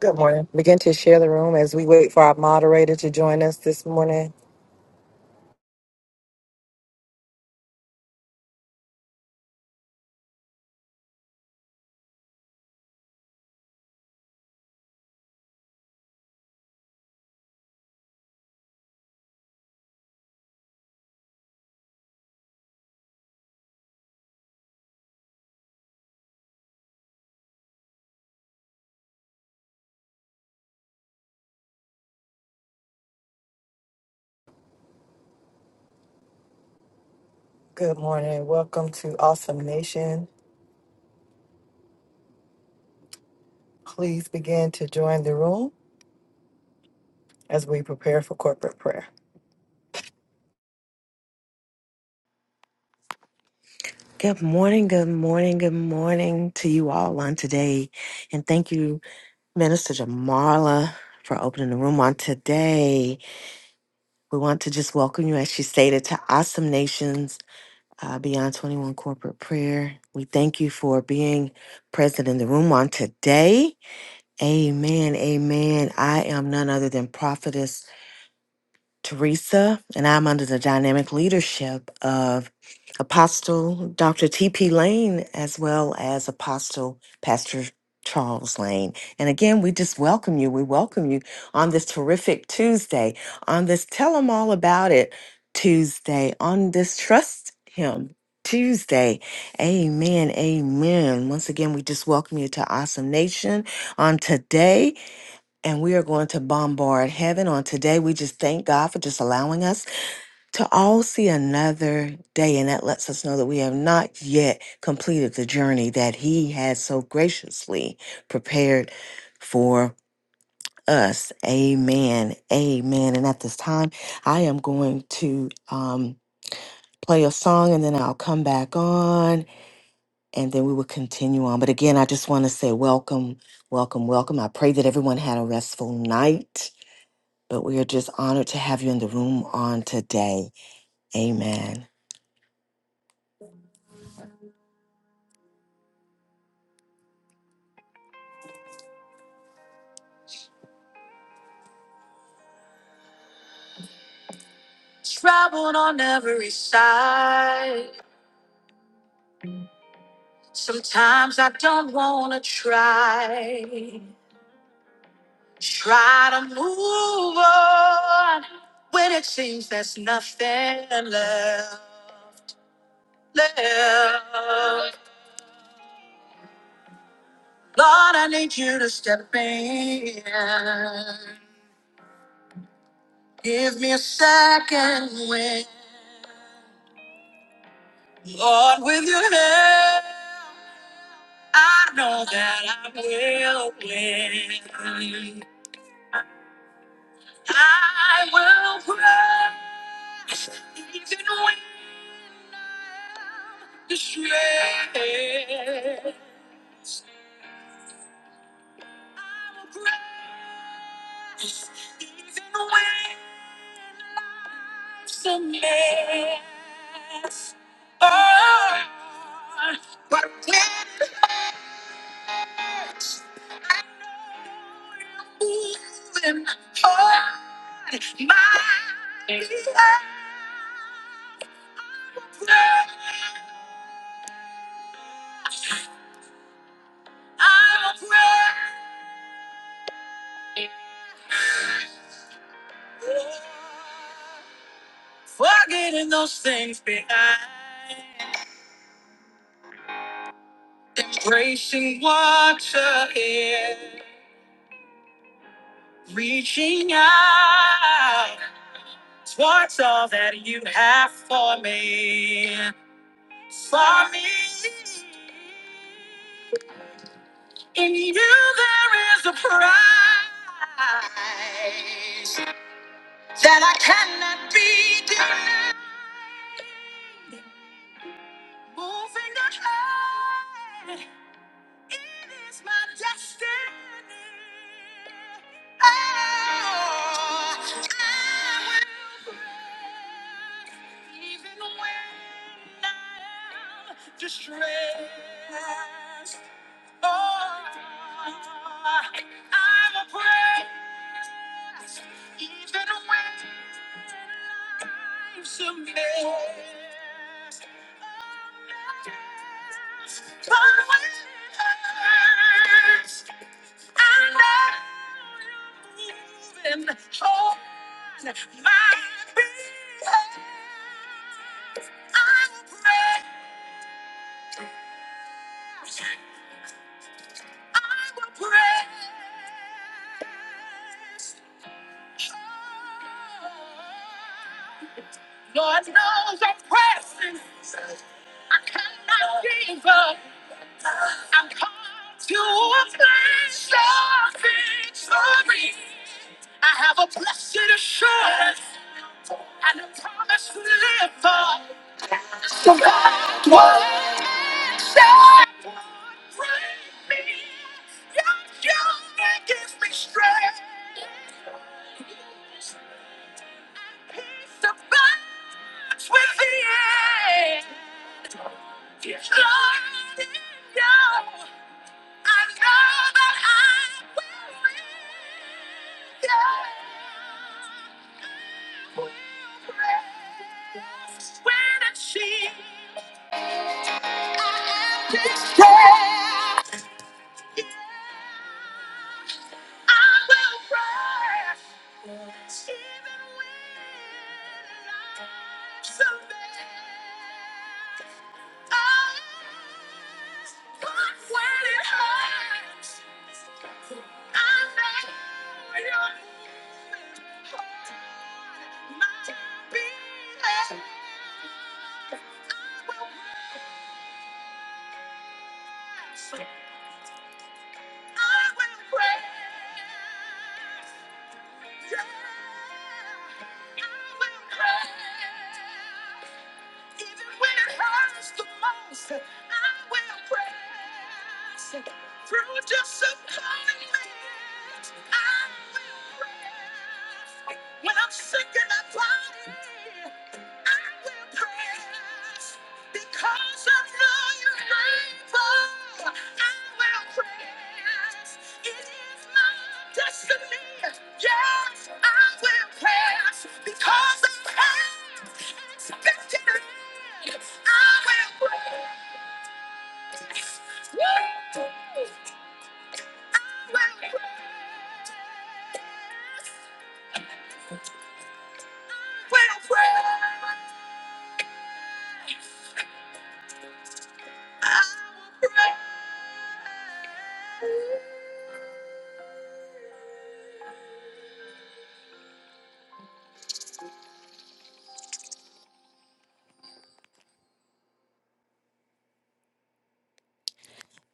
Good morning. Begin to share the room as we wait for our moderator to join us this morning. Good morning. Welcome to Awesome Nation. Please begin to join the room as we prepare for corporate prayer. Good morning, good morning, good morning to you all on today. And thank you, Minister Jamarla, for opening the room on today. We want to just welcome you, as she stated, to Awesome Nations uh, Beyond 21 Corporate Prayer. We thank you for being present in the room on today. Amen, amen. I am none other than Prophetess Teresa, and I'm under the dynamic leadership of Apostle Dr. T.P. Lane as well as Apostle Pastor Charles Lane. And again, we just welcome you. We welcome you on this terrific Tuesday, on this Tell Them All About It Tuesday, on this Trust Him. Tuesday. Amen. Amen. Once again, we just welcome you to Awesome Nation on today and we are going to bombard heaven on today. We just thank God for just allowing us to all see another day. And that lets us know that we have not yet completed the journey that He has so graciously prepared for us. Amen. Amen. And at this time, I am going to um, play a song and then I'll come back on and then we will continue on. But again, I just want to say welcome, welcome, welcome. I pray that everyone had a restful night but we are just honored to have you in the room on today. Amen.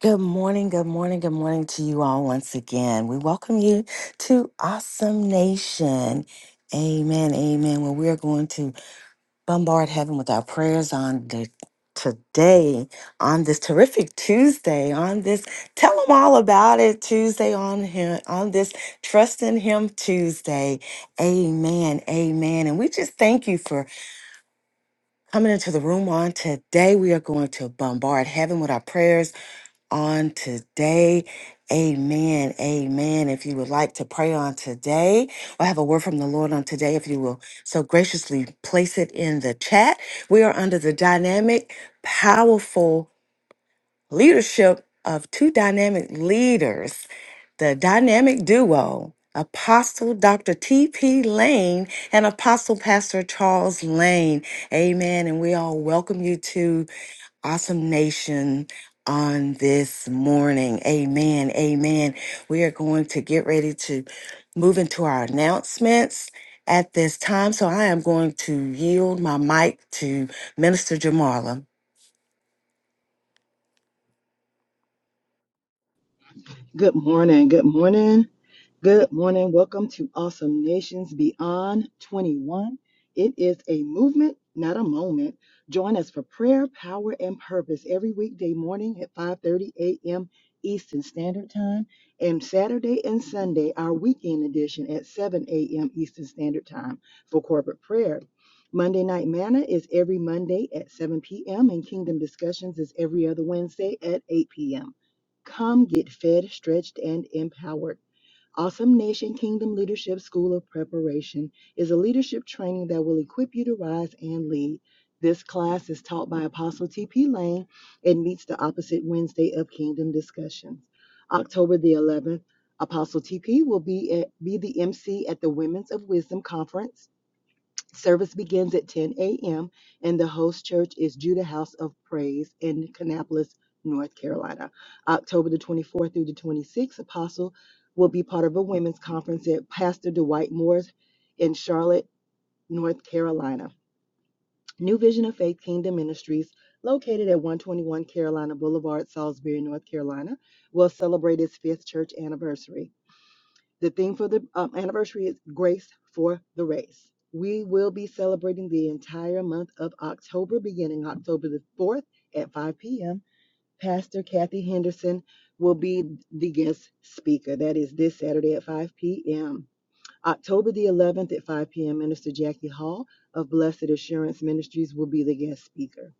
Good morning, good morning, good morning to you all once again. We welcome you to Awesome Nation. Amen, amen. Well, we are going to bombard heaven with our prayers on the today on this terrific Tuesday on this tell them all about it Tuesday on him on this trust in him Tuesday amen amen and we just thank you for Coming into the room on today, we are going to bombard heaven with our prayers on today. Amen. Amen. If you would like to pray on today or have a word from the Lord on today, if you will so graciously place it in the chat, we are under the dynamic, powerful leadership of two dynamic leaders, the dynamic duo, Apostle Dr. T.P. Lane and Apostle Pastor Charles Lane. Amen. And we all welcome you to Awesome Nation on this morning. Amen. Amen. We are going to get ready to move into our announcements at this time. So I am going to yield my mic to Minister Jamarla. Good morning. Good morning. Good morning. Welcome to Awesome Nations Beyond 21. It is a movement, not a moment. Join us for prayer, power, and purpose every weekday morning at 5:30 a.m. Eastern Standard Time and Saturday and Sunday, our weekend edition at 7 a.m. Eastern Standard Time for corporate prayer. Monday Night Manna is every Monday at 7 p.m. and Kingdom Discussions is every other Wednesday at 8 p.m. Come get fed, stretched, and empowered. Awesome Nation Kingdom Leadership School of Preparation is a leadership training that will equip you to rise and lead. This class is taught by Apostle T.P. Lane and meets the opposite Wednesday of Kingdom Discussions. October the 11th, Apostle T.P. will be, at, be the MC at the Women's of Wisdom Conference. Service begins at 10 a.m., and the host church is Judah House of Praise in Kannapolis, North Carolina. October the 24th through the 26th, Apostle will be part of a women's conference at Pastor Dwight Moore's in Charlotte, North Carolina. New Vision of Faith Kingdom Ministries, located at 121 Carolina Boulevard, Salisbury, North Carolina, will celebrate its fifth church anniversary. The theme for the um, anniversary is Grace for the Race. We will be celebrating the entire month of October, beginning October the 4th at 5 p.m. Pastor Kathy Henderson will be the guest speaker. That is this Saturday at 5 p.m. October the 11th at 5 p.m., Minister Jackie Hall of Blessed Assurance Ministries will be the guest speaker.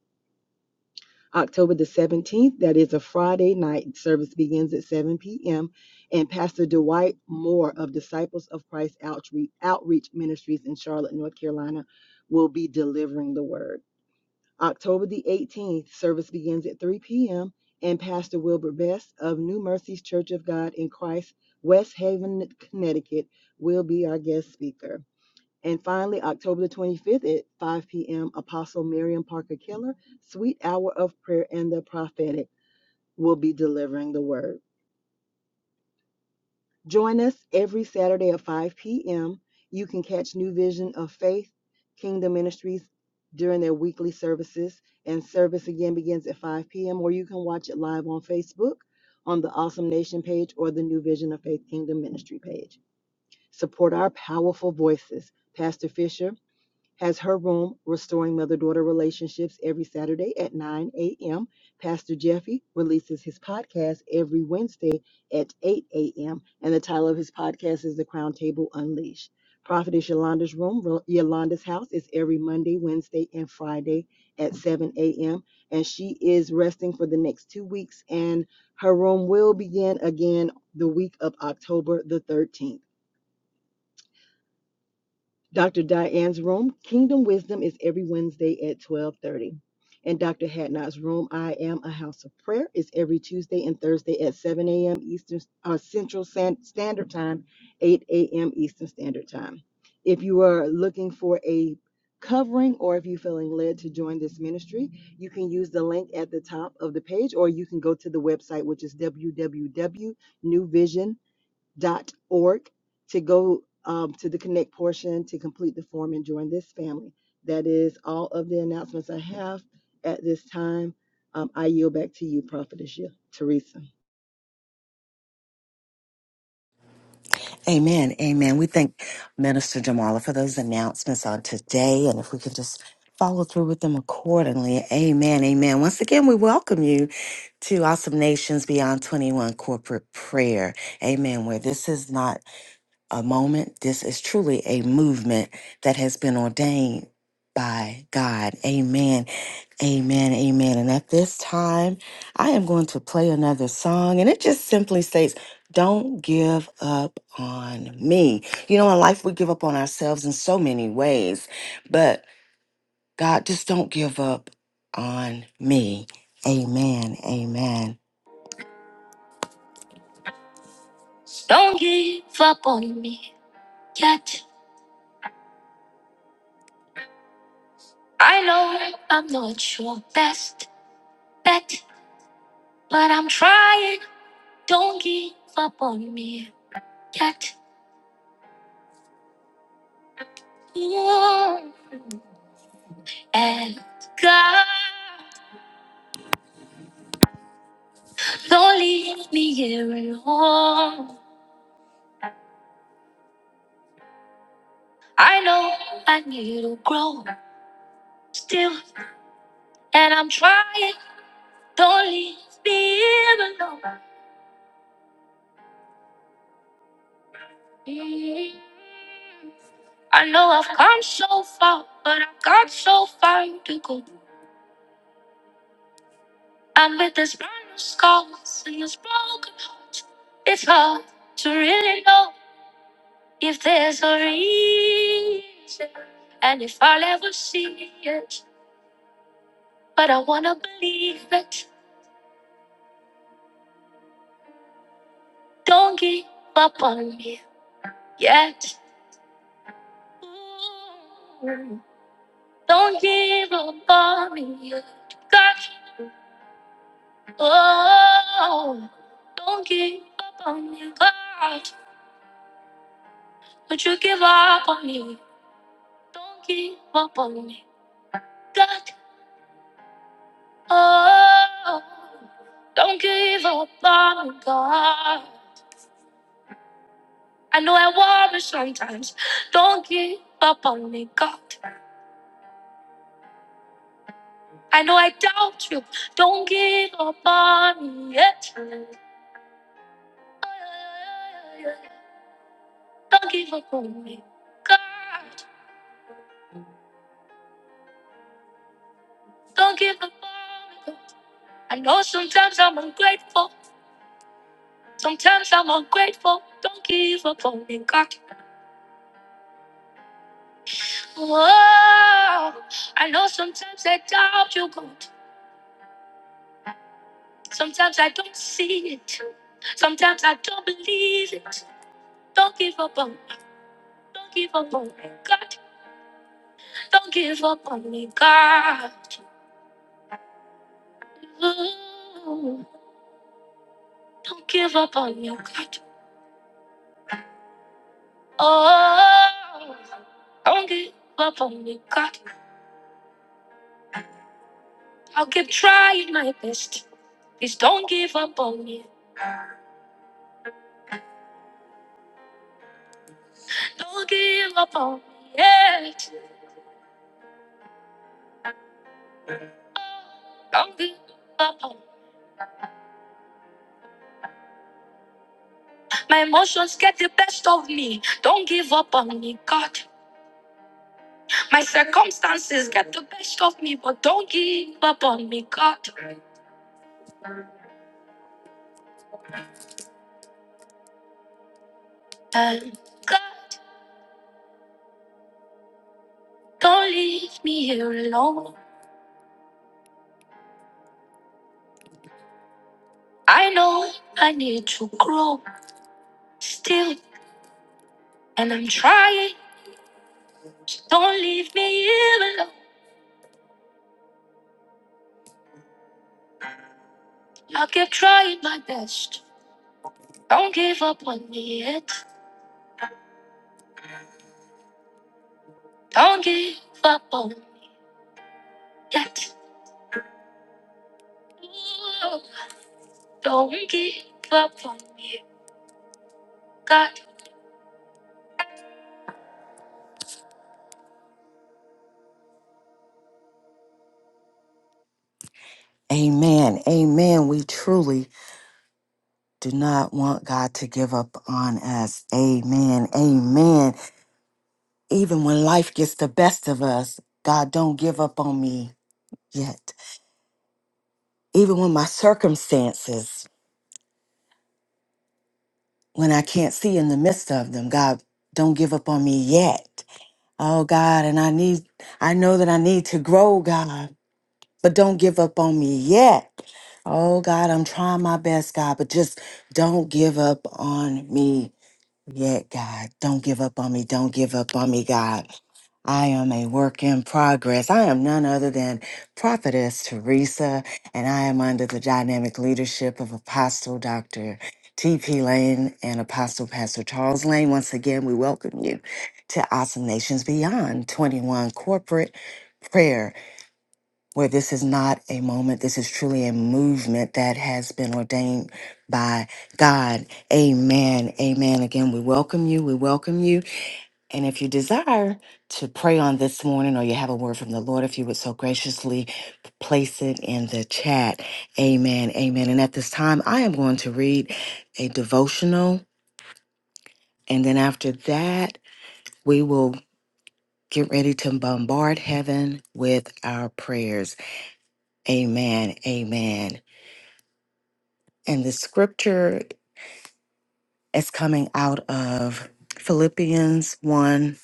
October the 17th, that is a Friday night. Service begins at 7 p.m. And Pastor Dwight Moore of Disciples of Christ Outreach, Outreach Ministries in Charlotte, North Carolina, will be delivering the word. October the 18th, service begins at 3 p.m. And Pastor Wilbur Best of New Mercies Church of God in Christ, West Haven, Connecticut, will be our guest speaker. And finally, October the 25th at 5 p.m., Apostle Miriam Parker Keller, Sweet Hour of Prayer and the Prophetic, will be delivering the word. Join us every Saturday at 5 p.m. You can catch New Vision of Faith, Kingdom Ministries during their weekly services, and service again begins at 5 p.m., or you can watch it live on Facebook on the Awesome Nation page or the New Vision of Faith Kingdom Ministry page. Support our powerful voices. Pastor Fisher, has her room restoring mother daughter relationships every Saturday at 9 a.m. Pastor Jeffy releases his podcast every Wednesday at 8 a.m. And the title of his podcast is The Crown Table Unleashed. Prophetess Yolanda's room, Yolanda's house, is every Monday, Wednesday, and Friday at 7 a.m. And she is resting for the next two weeks. And her room will begin again the week of October the 13th. Dr. Diane's room, Kingdom Wisdom, is every Wednesday at 12:30. And Dr. Hadnot's room, I Am a House of Prayer, is every Tuesday and Thursday at 7 a.m. Eastern uh, Central San- Standard Time, 8 a.m. Eastern Standard Time. If you are looking for a covering or if you're feeling led to join this ministry, you can use the link at the top of the page or you can go to the website, which is www.newvision.org dot org to go um, to the connect portion to complete the form and join this family. That is all of the announcements I have at this time. Um, I yield back to you, Prophetess Ye- Teresa. Amen. Amen. We thank Minister Jamala for those announcements on today. And if we could just follow through with them accordingly. Amen. Amen. Once again, we welcome you to Awesome Nations Beyond 21 Corporate Prayer. Amen. Where this is not a moment. This is truly a movement that has been ordained by God. Amen. Amen. Amen. And at this time, I am going to play another song, and it just simply states, Don't give up on me. You know, in life, we give up on ourselves in so many ways, but God, just don't give up on me. Amen. Amen. Don't give up on me yet. I know I'm not your best bet, but I'm trying. Don't give up on me yet. Ooh, And God, don't leave me here alone. I know I need to grow still, and I'm trying. Don't leave me here alone. Mm. I know I've come so far, but I've got so far to go. And with this brand new scars and this broken heart, it's hard to really know if there's a reason and if I'll ever see it. But I wanna believe it. Don't give up on me yet. Ooh, Don't give up on me yet. God, oh, don't give up on me, God. Would you give up on me? Don't give up on me. God. Oh, don't give up on God. I know I worry sometimes. Don't give up on me, God. I know I doubt you. Don't give up on me yet. Don't give up on me, God. Don't give up on me. God. I know sometimes I'm ungrateful. Sometimes I'm ungrateful. Don't give up on me, God. Whoa. I know sometimes I doubt you, God. Sometimes I don't see it. Sometimes I don't believe it. Don't give up on me. Don't give up on me, God. Don't give up on me, God. Ooh, don't give up on me, God. Oh, don't give up on me, God. I'll keep trying my best. Please don't give up on me. Don't give up on me yet. Oh, don't give up on me. My emotions get the best of me. Don't give up on me, God. My circumstances get the best of me, but don't give up on me, God. And God, don't leave me here alone. I know I need to grow still, and I'm trying. So don't leave me here alone. I'll keep trying my best. Don't give up on me yet. Don't give up on me yet. Ooh, Don't give up on me, God. Amen. Amen. We truly do not want God to give up on us. Amen. Amen. Even when life gets the best of us, God don't give up on me yet. Even when my circumstances, when I can't see in the midst of them, God don't give up on me yet. Oh God, and I need I know that I need to grow, God, but don't give up on me yet. Oh God, I'm trying my best, God, but just don't give up on me Yet, God, don't give up on me. Don't give up on me, God. I am a work in progress. I am none other than Prophetess Teresa, and I am under the dynamic leadership of Apostle Dr. T.P. Lane and Apostle Pastor Charles Lane. Once again, we welcome you to Awesome Nations Beyond 21 Corporate Prayer where this is not a moment, this is truly a movement that has been ordained by God. Amen. Amen. Again, we welcome you. We welcome you. And if you desire to pray on this morning or you have a word from the Lord, if you would so graciously place it in the chat. Amen. Amen. And at this time, I am going to read a devotional. And then after that, we will get ready to bombard heaven with our prayers. Amen. Amen. And the scripture is coming out of Philippians 1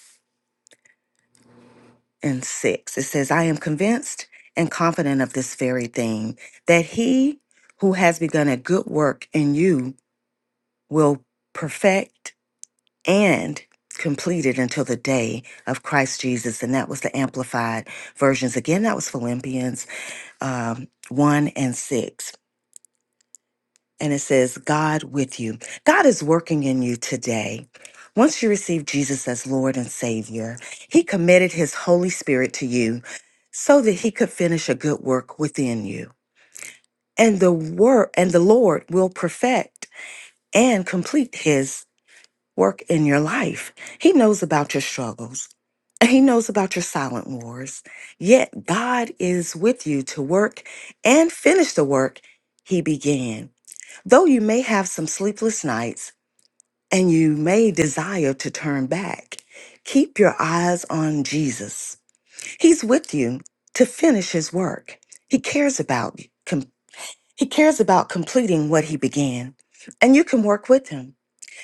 and 6. It says, I am convinced and confident of this very thing, that he who has begun a good work in you will perfect and complete it until the day of Christ Jesus. And that was the amplified versions. Again, that was Philippians um, 1 and 6. and it says, God with you. God is working in you today. Once you receive Jesus as Lord and Savior, He committed His Holy Spirit to you so that He could finish a good work within you. And the work and the Lord will perfect and complete His work in your life. He knows about your struggles. and He knows about your silent wars. Yet God is with you to work and finish the work He began. Though you may have some sleepless nights and you may desire to turn back, keep your eyes on Jesus. He's with you to finish his work. He cares about com- he cares about completing what he began, and you can work with him.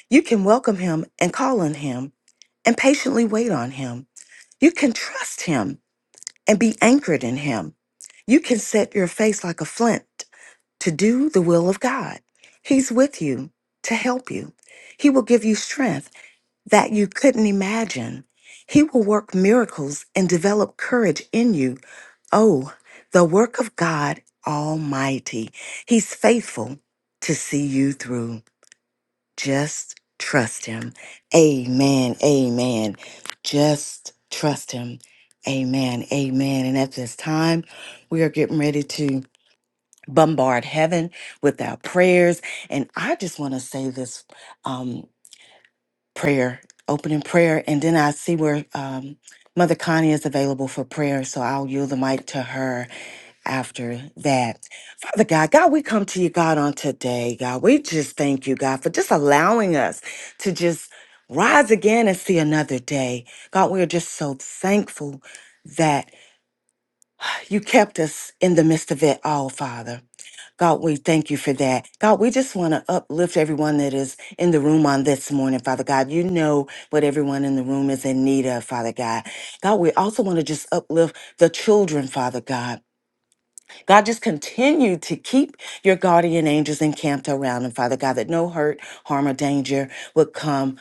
You can welcome him and call on him and patiently wait on him. You can trust him and be anchored in him. You can set your face like a flint to do the will of God. He's with you to help you. He will give you strength that you couldn't imagine. He will work miracles and develop courage in you. Oh, the work of God Almighty. He's faithful to see you through. Just trust Him. Amen. Amen. Just trust Him. Amen. Amen. And at this time, we are getting ready to bombard heaven with our prayers. And I just want to say this um, prayer, opening prayer, and then I see where um, Mother Connie is available for prayer. So I'll yield the mic to her after that. Father God, God, we come to you, God, on today. God, we just thank you, God, for just allowing us to just rise again and see another day. God, we are just so thankful that you kept us in the midst of it all, Father. God, we thank you for that. God, we just want to uplift everyone that is in the room on this morning, Father God. You know what everyone in the room is in need of, Father God. God, we also want to just uplift the children, Father God. God, just continue to keep your guardian angels encamped around them, Father God, that no hurt, harm, or danger would come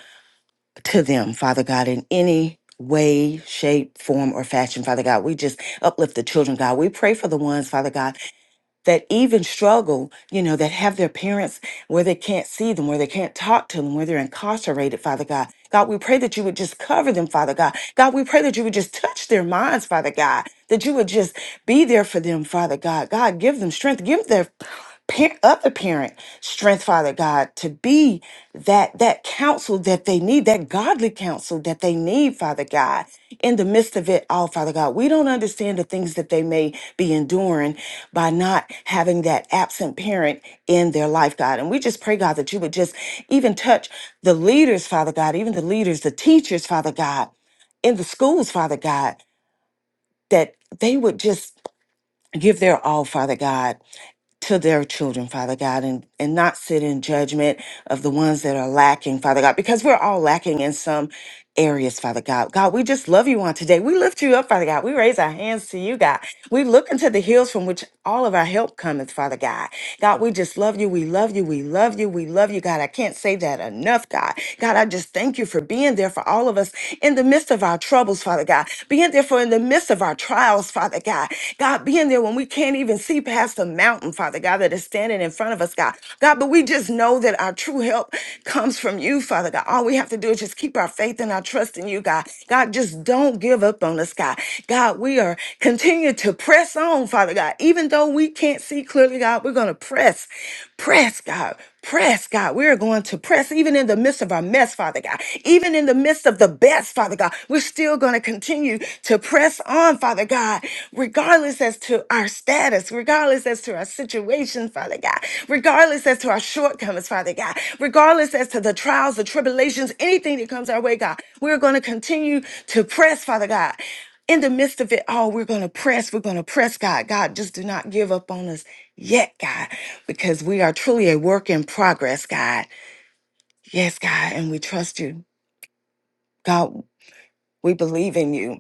to them, Father God, in any way, shape, form, or fashion, Father God. We just uplift the children, God. We pray for the ones, Father God, that even struggle, you know, that have their parents where they can't see them, where they can't talk to them, where they're incarcerated, Father God. God, we pray that you would just cover them, Father God. God, we pray that you would just touch their minds, Father God, that you would just be there for them, Father God. God, give them strength, give their parent, other parent strength, Father God, to be that that counsel that they need, that godly counsel that they need, Father God, in the midst of it all, Father God. We don't understand the things that they may be enduring by not having that absent parent in their life, God. And we just pray, God, that you would just even touch the leaders, Father God, even the leaders, the teachers, Father God, in the schools, Father God, that they would just give their all, Father God to their children, Father God, and, and not sit in judgment of the ones that are lacking, Father God, because we're all lacking in some areas, Father God. God, we just love you on today. We lift you up, Father God. We raise our hands to you, God. We look into the hills from which all of our help cometh, Father God. God, we just love you. We love you. We love you. We love you, God. I can't say that enough, God. God, I just thank you for being there for all of us in the midst of our troubles, Father God. Being there for in the midst of our trials, Father God. God, being there when when we can't even see past the mountain, Father God, that is standing in front of us, God. God, but we just know that our true help comes from you, Father God. All we have to do is just keep our faith and our trust in you, God. God, just don't give up on us, God. God, we are continue to press on, Father God. Even though we can't see clearly, God, we're going to press, press, God. Press, God. We're going to press even in the midst of our mess, Father God. Even in the midst of the best, Father God. We're still going to continue to press on, Father God, regardless as to our status, regardless as to our situation, Father God, regardless as to our shortcomings, Father God, regardless as to the trials, the tribulations, anything that comes our way, God. We're going to continue to press, Father God in the midst of it all, we're going to press. We're going to press, God. God, just do not give up on us yet, God, because we are truly a work in progress, God. Yes, God, and we trust you. God, we believe in you.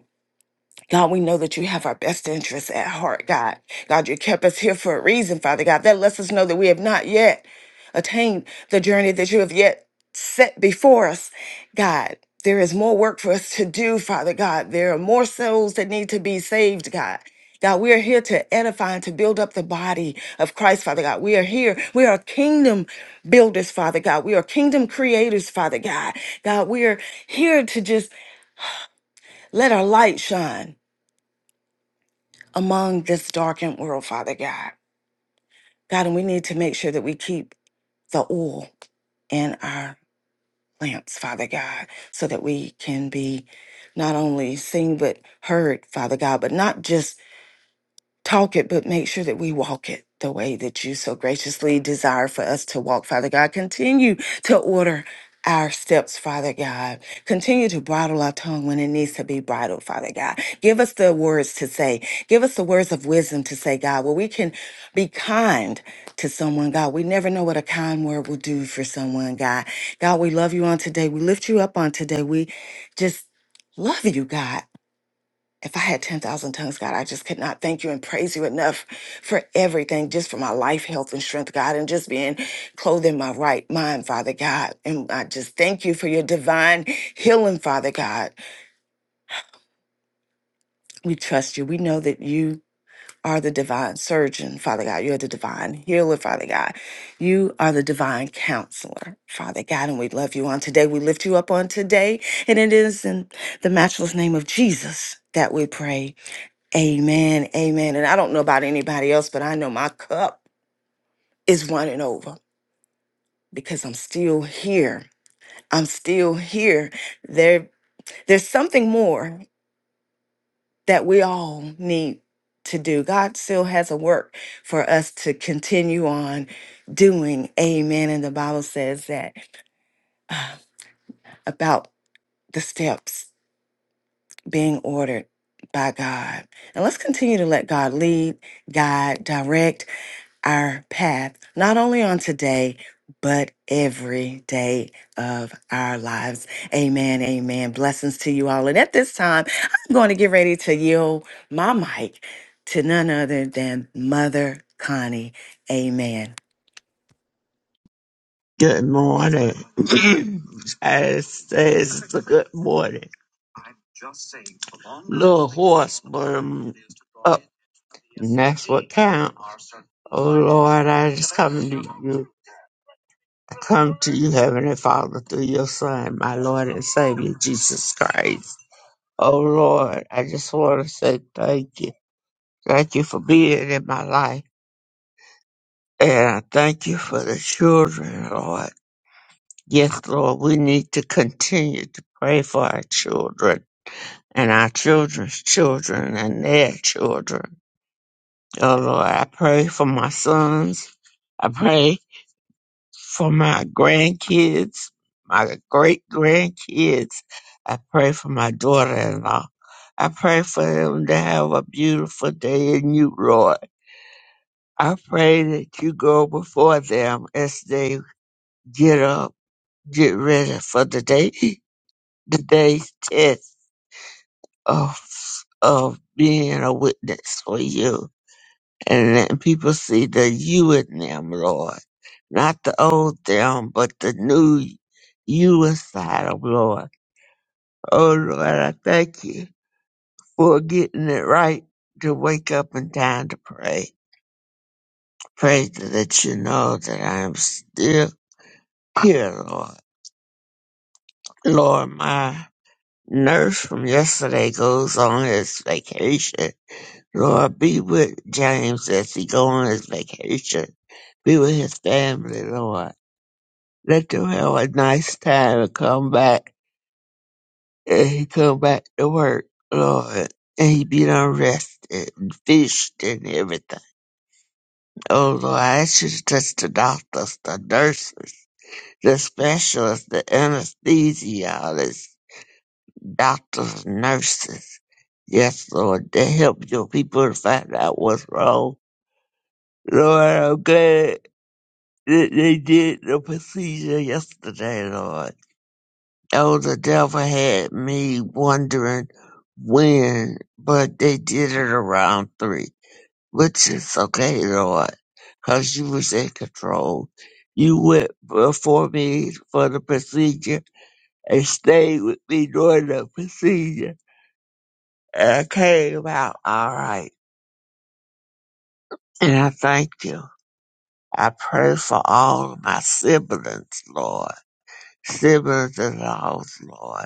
God, we know that you have our best interests at heart, God. God, you kept us here for a reason, Father God. That lets us know that we have not yet attained the journey that you have yet set before us, God. There is more work for us to do, Father God. There are more souls that need to be saved, God. God, we are here to edify and to build up the body of Christ, Father God. We are here. We are kingdom builders, Father God. We are kingdom creators, Father God. God, we are here to just let our light shine among this darkened world, Father God. God, and we need to make sure that we keep the oil in our lamps, Father God, so that we can be not only seen but heard, Father God, but not just talk it, but make sure that we walk it the way that you so graciously desire for us to walk, Father God. Continue to order our steps, Father God. Continue to bridle our tongue when it needs to be bridled, Father God. Give us the words to say. Give us the words of wisdom to say, God, where we can be kind to someone, God. We never know what a kind word will do for someone, God. God, we love you on today. We lift you up on today. We just love you, God. If I had 10,000 tongues, God, I just could not thank you and praise you enough for everything, just for my life, health, and strength, God, and just being clothed in my right mind, Father God. And I just thank you for your divine healing, Father God. We trust you. We know that you are the divine surgeon, Father God. You're the divine healer, Father God. You are the divine counselor, Father God. And we love you on today. We lift you up on today. And it is in the matchless name of Jesus that we pray. Amen. Amen. And I don't know about anybody else, but I know my cup is running over because I'm still here. I'm still here. There there's something more that we all need to do. God still has a work for us to continue on doing. Amen. And the Bible says that uh, about the steps being ordered by God. And let's continue to let God lead, guide, direct our path, not only on today, but every day of our lives. Amen. Amen. Blessings to you all. And at this time, I'm going to get ready to yield my mic to none other than Mother Connie. Amen. Good morning. I say it's a good morning. Little horse burned up, and that's what counts. Oh Lord, I just come to you. I come to you, Heavenly Father, through your Son, my Lord and Savior, Jesus Christ. Oh Lord, I just want to say thank you. Thank you for being in my life. And I thank you for the children, Lord. Yes, Lord, we need to continue to pray for our children and our children's children and their children. Oh, Lord, I pray for my sons. I pray for my grandkids, my great grandkids. I pray for my daughter in law. I pray for them to have a beautiful day in you, Lord. I pray that you go before them as they get up, get ready for the day, the day's test of of being a witness for you and letting people see the you in them, Lord. Not the old them, but the new you inside of Lord. Oh Lord, I thank you for getting it right to wake up in time to pray. Pray that you know that I am still here, Lord. Lord, my nurse from yesterday goes on his vacation Lord, be with James as he go on his vacation. Be with his family, Lord. Let them have a nice time and come back. And he come back to work, Lord. And he be done rested and fished and everything. Oh Lord, I ask you to touch the doctors, the nurses, the specialists, the anesthesiologists, doctors, nurses. Yes, Lord, to help your people to find out what's wrong. Lord, I'm glad. They, they did the procedure yesterday, Lord. Elder Delver had me wondering when, but they did it around three, which is okay, Lord, because you was in control. You went before me for the procedure and stayed with me during the procedure, and I came out all right. And I thank you. I pray for all of my siblings, Lord. Siblings in the house, Lord.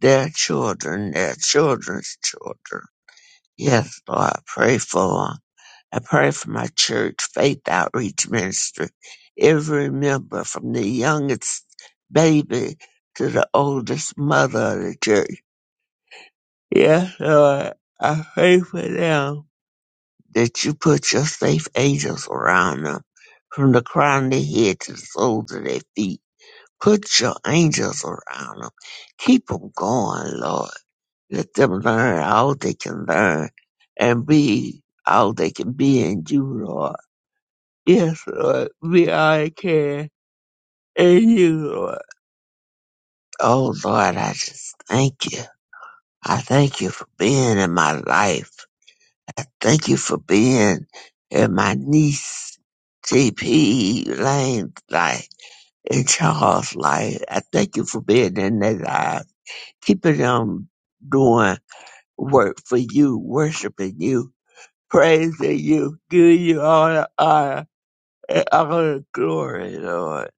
their children, their children's children. Yes, Lord, I pray for 'em. I pray for my church, Faith Outreach Ministry. Every member from the youngest baby to the oldest mother of the church. Yes, Lord, I pray for them that you put your safe angels around them from the crown of their head to the soles of their feet. Put your angels around them. Keep them going, Lord. Let them learn all they can learn and be all they can be in you, Lord. Yes, Lord. Be all I can in you, Lord. Oh, Lord, I just thank you. I thank you for being in my life. Thank you for being in my niece, T.P. Lane's life, in Charles' life. I thank you for being in their lives, keeping them doing work for you, worshiping you praising you, give you all the honor and all the glory, Lord.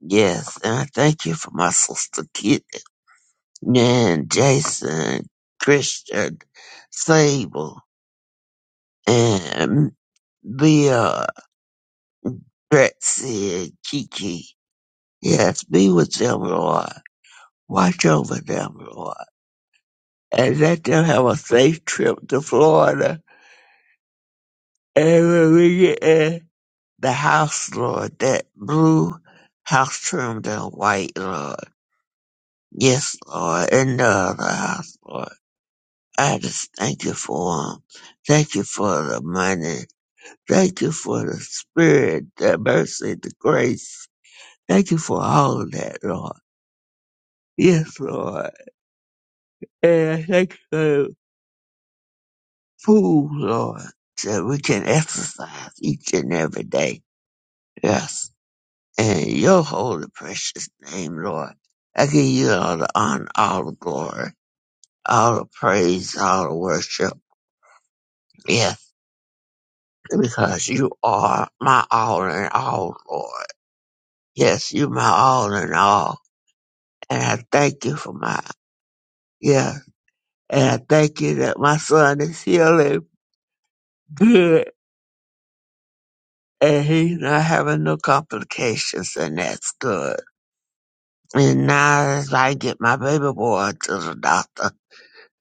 Yes, and I thank you for my sister Kit and Jason, Christian, Sable, and Leah, Betsy, and Kiki. Yes, be with them, Lord. Watch over them, Lord. And let them have a safe trip to Florida. And when we get there, the house, Lord, that blue house trimmed in white, Lord. Yes, Lord, and the other house, Lord. I just thank you for 'em. Thank you for the money. Thank you for the spirit, the mercy, the grace. Thank you for all of that, Lord. Yes, Lord. And I thank you for the food, Lord, so we can exercise each and every day. Yes. In your holy precious name, Lord, I give you all the honor, all the glory, all the praise, all the worship. Yes, because you are my all in all, Lord. Yes, you my all in all. And I thank you for my, yes. And I thank you that my son is healing good and he's not having no complications and that's good. And now as I get my baby boy to the doctor.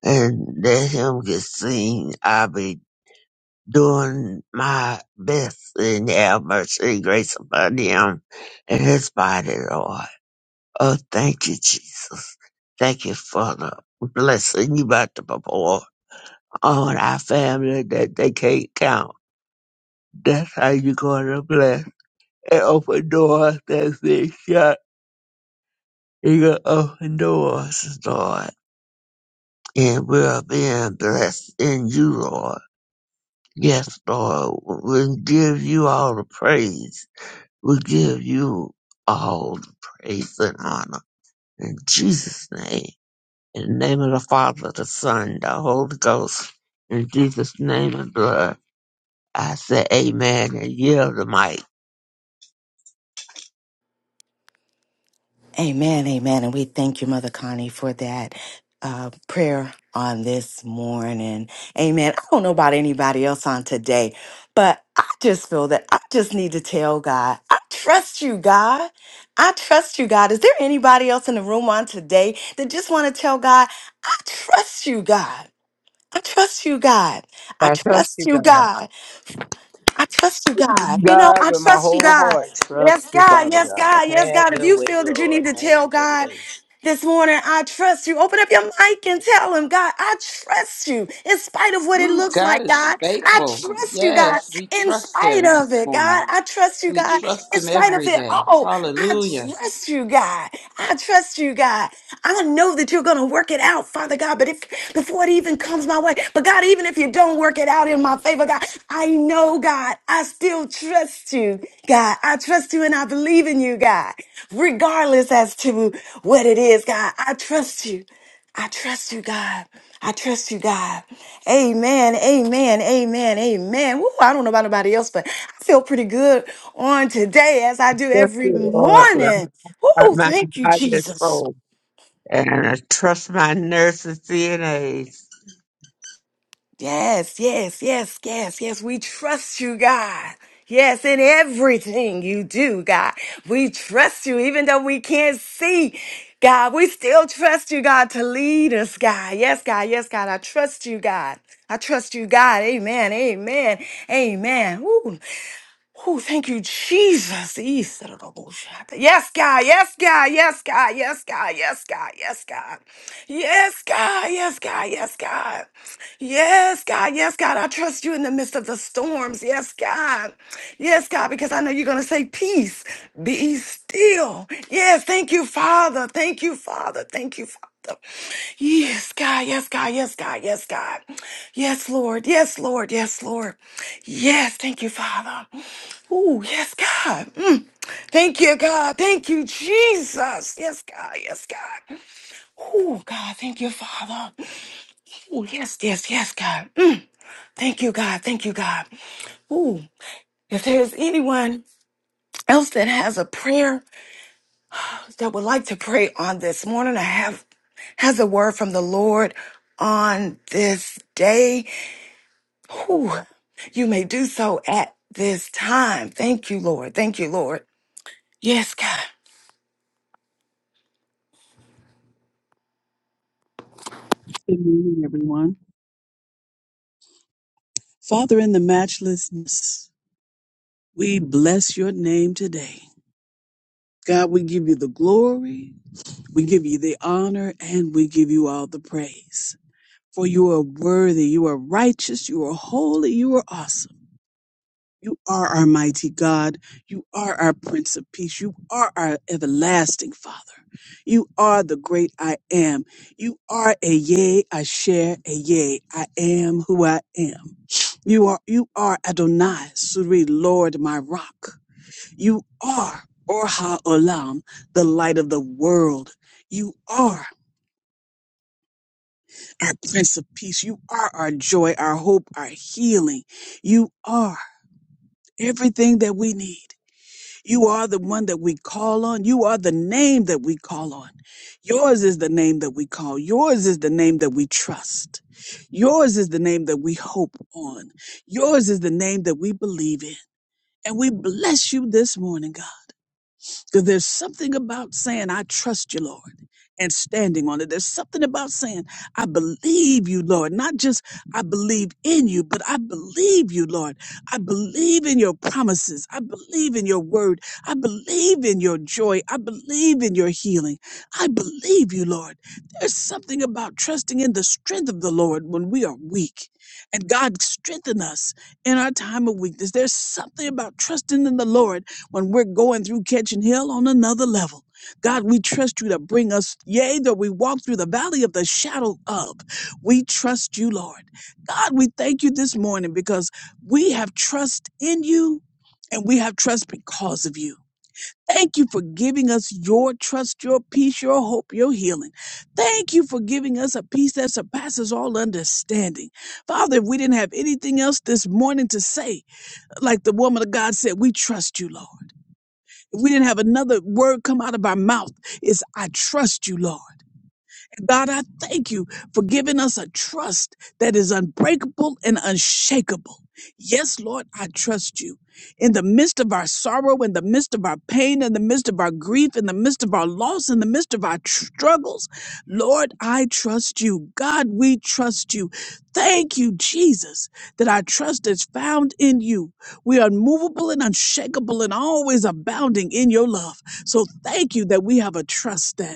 and let him get seen. I'll be doing my best and have mercy and grace upon him and his body, Lord. Oh, thank you, Jesus. Thank you for the blessing you about to pour on our family that they can't count. That's how you're going to bless and open doors that been shut. You're going to open doors, Lord. And we're being blessed in you, Lord. Yes, Lord, we give you all the praise. We give you all the praise and honor. In Jesus' name. In the name of the Father, the Son, the Holy Ghost. In Jesus' name and blood. I say amen and yield the mic. Amen, amen. And we thank you, Mother Connie, for that uh, prayer on this morning. Amen. I don't know about anybody else on today, but I just feel that I just need to tell God, I trust you, God. I trust you, God. Is there anybody else in the room on today that just want to tell God, I trust you, God. I trust you, God. I I trust you, trust you, God. God. I trust you, God. You know, God I with my trust you, whole God. I heart. Yes, trust you, God. Father Yes, God. God. Yes, Have God. If your you way, feel that you Lord. need to Have tell your God way. this morning, I trust you. Open up your mic and tell him, God, I trust you in spite of what it Ooh, looks God like, is God. I faithful. trust you, God, Yes, we in trust spite Him of this it, morning. God. I trust you, We God, trust in Him spite of every it. day. Oh, I Hallelujah. trust you, God. I trust you, God. I know that you're going to work it out, Father God, but if before it even comes my way, but God, even if you don't work it out in my favor, God, I know, God, I still trust you, God. I trust you and I believe in you, God, regardless as to what it is, God. I trust you. I trust you, God. I trust you, God. Amen. Amen. Amen. Amen. Woo, I don't know about nobody else, but I feel pretty good on today as I do Trust every you, Lord, with all morning. my Woo, mind, thank you, body, and Jesus. soul. And I trust my nurses, CNAs. Yes, yes, yes, yes, yes. We trust you, God. Yes, in everything you do, God. We trust you, even though we can't see. God, we still trust you, God, to lead us, God. Yes, God, yes, God. I trust you, God. I trust you, God. Amen, amen, amen. Woo. Oh, thank you, Jesus. Yes, God. Yes, God. Yes, God. Yes, God. Yes, God. Yes, God. Yes, God. Yes, God. Yes, God. Yes, God. Yes, God. Yes, God. I trust you in the midst of the storms. Yes, God. Yes, God, because I know you're going to say, Peace, be still. Yes, thank you, Father. Thank you, Father. Thank you, Father. Yes, God, yes, God, yes, God, yes, God. Yes, Lord, yes, Lord, yes, Lord. Yes, thank you, Father. Oh, yes, God. Mm. Thank you, God. Thank you, Jesus. Yes, God, yes, God. Oh, God, thank you, Father. Oh, yes, yes, yes, God. Mm. Thank you, God. Thank you, God. Oh, if there's anyone else that has a prayer, that would like to pray on this morning. I have has a word from the Lord on this day. Whew, you may do so at this time. Thank you, Lord. Thank you, Lord. Yes, God. Good morning, everyone. Father, in the matchlessness, we bless your name today. God, we give you the glory, we give you the honor, and we give you all the praise. For you are worthy, you are righteous, you are holy, you are awesome. You are our mighty God. You are our Prince of Peace. You are our everlasting Father. You are the great I am. You are a yea, I share a yea. I am who I am. You are you are Adonai, Suri, Lord, my rock. You are Orha Olam, the light of the world. You are our Prince of Peace. You are our joy, our hope, our healing. You are everything that we need. You are the one that we call on. You are the name that we call on. Yours is the name that we call. Yours is the name that we trust. Yours is the name that we hope on. Yours is the name that we believe in. And we bless you this morning, God. Because there's something about saying, I trust you, Lord, and standing on it. There's something about saying, I believe you, Lord. Not just I believe in you, but I believe you, Lord. I believe in your promises. I believe in your word. I believe in your joy. I believe in your healing. I believe you, Lord. There's something about trusting in the strength of the Lord when we are weak. And God strengthen us in our time of weakness. There's something about trusting in the Lord when we're going through Catching Hill on another level. God, we trust you to bring us, yea, though we walk through the valley of the shadow of. We trust you, Lord. God, we thank you this morning because we have trust in you and we have trust because of you. Thank you for giving us your trust, your peace, your hope, your healing. Thank you for giving us a peace that surpasses all understanding. Father, if we didn't have anything else this morning to say, like the woman of God said, we trust you, Lord. If we didn't have another word come out of our mouth, it's I trust you, Lord. God, I thank you for giving us a trust that is unbreakable and unshakable. Yes, Lord, I trust you. In the midst of our sorrow, in the midst of our pain, in the midst of our grief, in the midst of our loss, in the midst of our tr- struggles, Lord, I trust you. God, we trust you. Thank you, Jesus, that our trust is found in you. We are movable and unshakable and always abounding in your love. So thank you that we have a trust that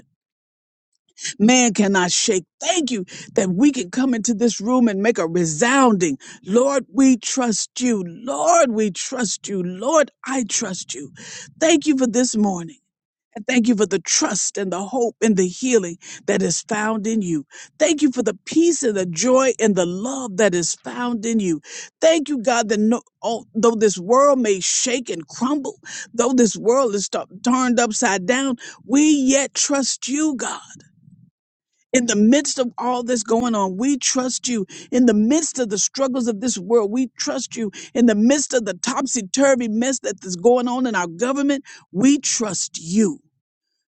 man cannot shake. Thank you that we can come into this room and make a resounding, Lord, we trust you. Lord, we trust you. Lord, I trust you. Thank you for this morning. And thank you for the trust and the hope and the healing that is found in you. Thank you for the peace and the joy and the love that is found in you. Thank you, God, that no, oh, though this world may shake and crumble, though this world is tu- turned upside down, we yet trust you, God. In the midst of all this going on, we trust you. In the midst of the struggles of this world, we trust you. In the midst of the topsy turvy mess that is going on in our government, we trust you.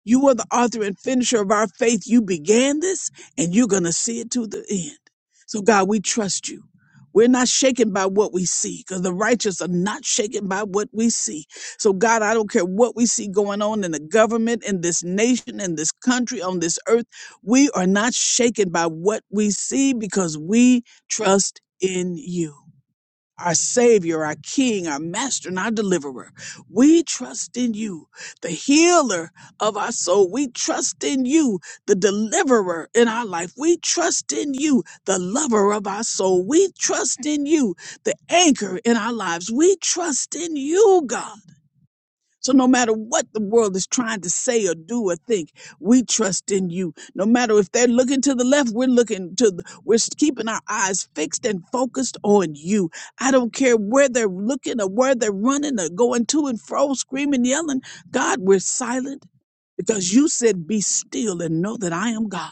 You are the author and finisher of our faith. You began this and you're going to see it to the end. So, God, we trust you. We're not shaken by what we see because the righteous are not shaken by what we see. So, God, I don't care what we see going on in the government, in this nation, in this country, on this earth. We are not shaken by what we see because we trust in you our Savior, our King, our Master, and our Deliverer. We trust in you, the healer of our soul. We trust in you, the deliverer in our life. We trust in you, the lover of our soul. We trust in you, the anchor in our lives. We trust in you, God. So no matter what the world is trying to say or do or think, we trust in you. No matter if they're looking to the left, we're looking to the, we're keeping our eyes fixed and focused on you. I don't care where they're looking or where they're running or going to and fro, screaming, yelling. God, we're silent because you said, be still and know that I am God.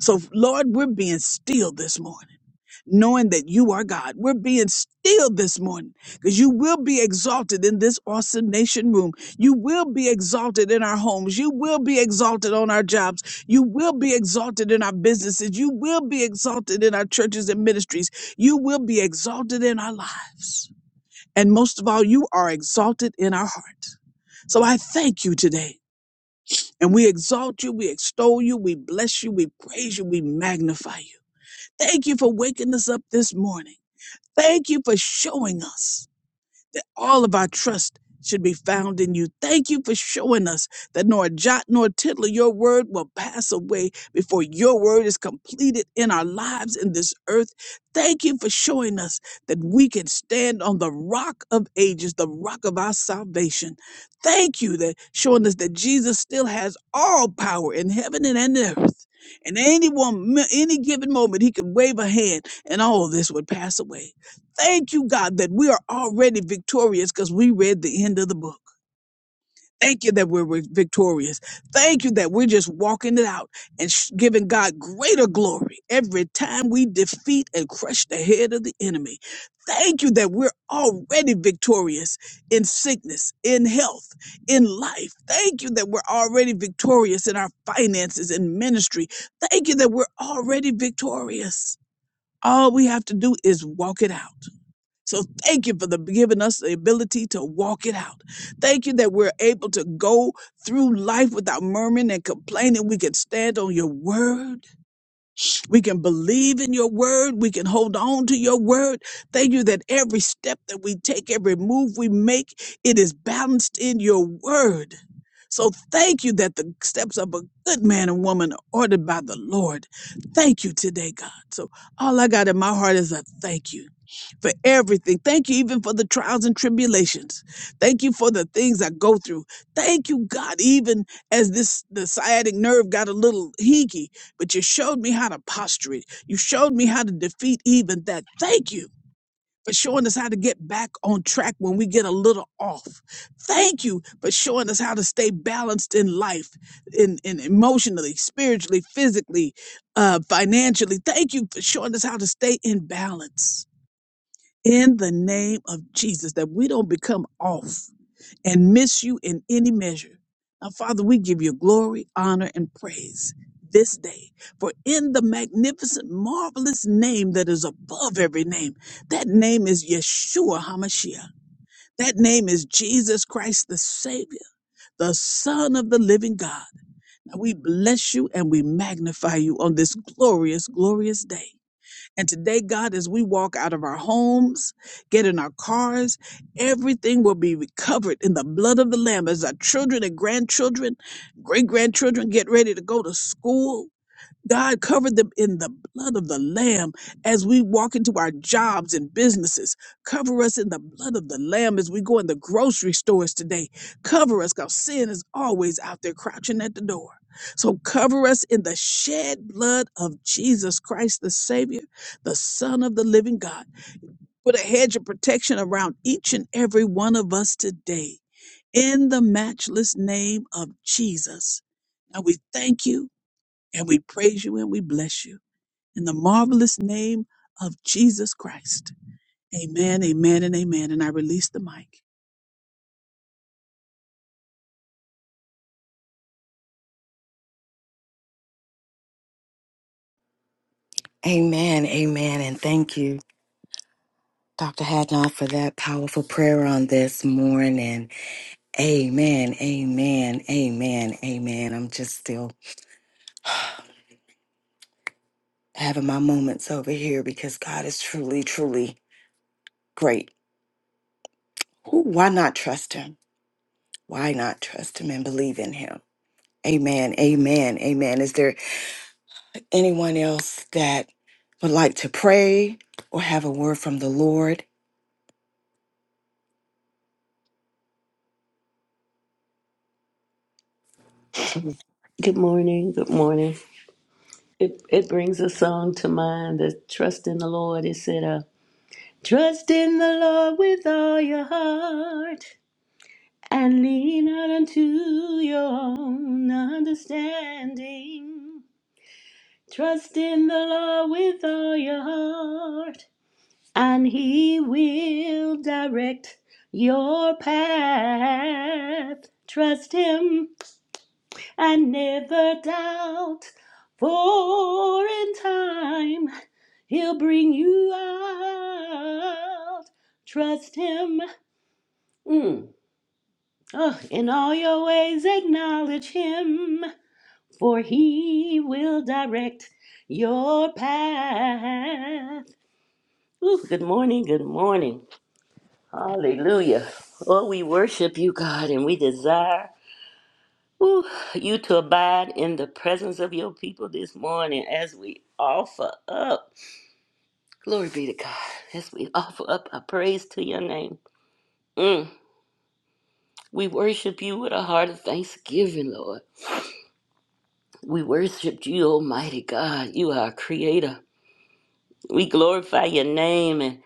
So Lord, we're being still this morning knowing that you are God. We're being still this morning because you will be exalted in this awesome nation room. You will be exalted in our homes. You will be exalted on our jobs. You will be exalted in our businesses. You will be exalted in our churches and ministries. You will be exalted in our lives. And most of all, you are exalted in our heart. So I thank you today. And we exalt you, we extol you, we bless you, we praise you, we magnify you. Thank you for waking us up this morning. Thank you for showing us that all of our trust should be found in you. Thank you for showing us that nor a jot nor a tittle of your word will pass away before your word is completed in our lives in this earth. Thank you for showing us that we can stand on the rock of ages, the rock of our salvation. Thank you that showing us that Jesus still has all power in heaven and in earth. And any one, any given moment, he could wave a hand and all this would pass away. Thank you, God, that we are already victorious because we read the end of the book. Thank you that we're victorious. Thank you that we're just walking it out and sh- giving God greater glory every time we defeat and crush the head of the enemy. Thank you that we're already victorious in sickness, in health, in life. Thank you that we're already victorious in our finances and ministry. Thank you that we're already victorious. All we have to do is walk it out. So thank you for the giving us the ability to walk it out. Thank you that we're able to go through life without murmuring and complaining. We can stand on your word. We can believe in your word. We can hold on to your word. Thank you that every step that we take, every move we make, it is balanced in your word. So thank you that the steps of a good man and woman are ordered by the Lord. Thank you today, God. So all I got in my heart is a thank you for everything. Thank you even for the trials and tribulations. Thank you for the things I go through. Thank you, God, even as this the sciatic nerve got a little hinky but you showed me how to posture it. You showed me how to defeat even that. Thank you for showing us how to get back on track when we get a little off. Thank you for showing us how to stay balanced in life, in, in emotionally, spiritually, physically, uh, financially. Thank you for showing us how to stay in balance. In the name of Jesus, that we don't become off and miss you in any measure. Now, Father, we give you glory, honor, and praise this day. For in the magnificent, marvelous name that is above every name, that name is Yeshua HaMashiach. That name is Jesus Christ, the Savior, the Son of the living God. Now, we bless you and we magnify you on this glorious, glorious day. And today, God, as we walk out of our homes, get in our cars, everything will be recovered in the blood of the Lamb as our children and grandchildren, great grandchildren get ready to go to school God covered them in the blood of the Lamb as we walk into our jobs and businesses. Cover us in the blood of the Lamb as we go in the grocery stores today. Cover us because sin is always out there crouching at the door. So cover us in the shed blood of Jesus Christ, the Savior, the Son of the living God. Put a hedge of protection around each and every one of us today in the matchless name of Jesus. Now we thank you. And we praise you and we bless you in the marvelous name of Jesus Christ. Amen, amen, and amen. And I release the mic. Amen. Amen. And thank you, Dr. Hadnot, for that powerful prayer on this morning. Amen. Amen. Amen. Amen. I'm just still having my moments over here because God is truly, truly great. Who? why not trust him? Why not trust him and believe in him? Amen. Amen. Amen. Is there anyone else that would like to pray or have a word from the Lord? Good morning. Good morning. It, it brings a song to mind, the Trust in the Lord. It said, uh, Trust in the Lord with all your heart and lean not unto your own understanding. Trust in the Lord with all your heart and he will direct your path. Trust him and never doubt. For in time he'll bring you out. Trust him. Mm. Ugh. in all your ways, acknowledge him, for he will direct your path. Ooh, good morning, good morning. Hallelujah. Oh, we worship you, God, and we desire. Whew, you to abide in the presence of your people this morning as we offer up. Glory be to God. As we offer up our praise to your name. Mm, we worship you with a heart of thanksgiving, Lord. We worship you, Almighty God. You are our creator. We glorify your name and,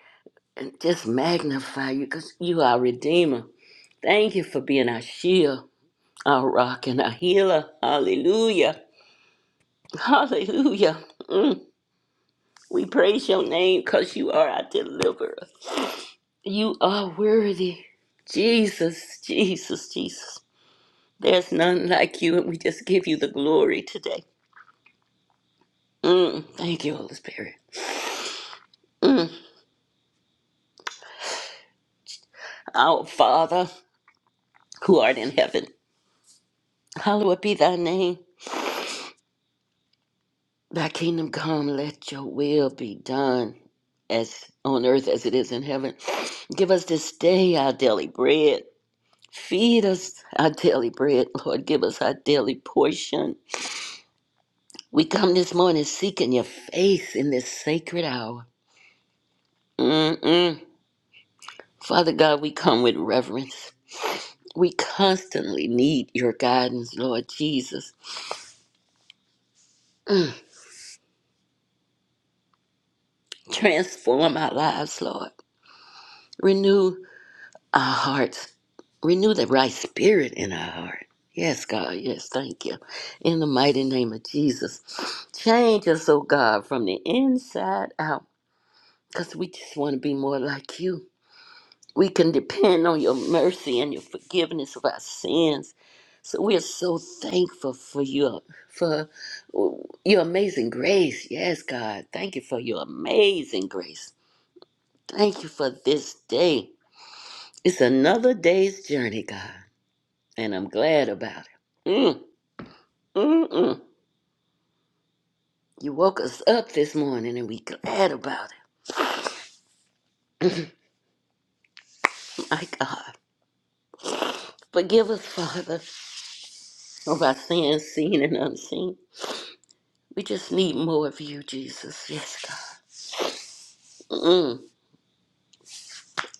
and just magnify you because you are our redeemer. Thank you for being our shield, our rock, and our healer. Hallelujah. Hallelujah. Mm. We praise your name because you are our deliverer. You are worthy. Jesus, Jesus, Jesus. There's none like you, and we just give you the glory today. Mm, thank you, Holy Spirit. Mm. Our Father, who art in heaven, hallowed be thy name. Thy kingdom come, let your will be done as on earth as it is in heaven. Give us this day our daily bread Feed us our daily bread, Lord. Give us our daily portion. We come this morning seeking your face in this sacred hour. Mm-mm. Father God, we come with reverence. We constantly need your guidance, Lord Jesus. Transform our lives, Lord. Renew our hearts. Renew the right spirit in our heart. Yes, God. Yes, thank you. In the mighty name of Jesus. Change us, oh God, from the inside out. because we just want to be more like you. We can depend on your mercy and your forgiveness of our sins. So we are so thankful for your for your amazing grace. Yes, God, thank you for your amazing grace. Thank you for this day. It's another day's journey, God, and I'm glad about it. Mm, mm, mm. You woke us up this morning, and we glad about it. My God, forgive us, Father, of our sins, seen and unseen. We just need more of you, Jesus. Yes, God. Mm.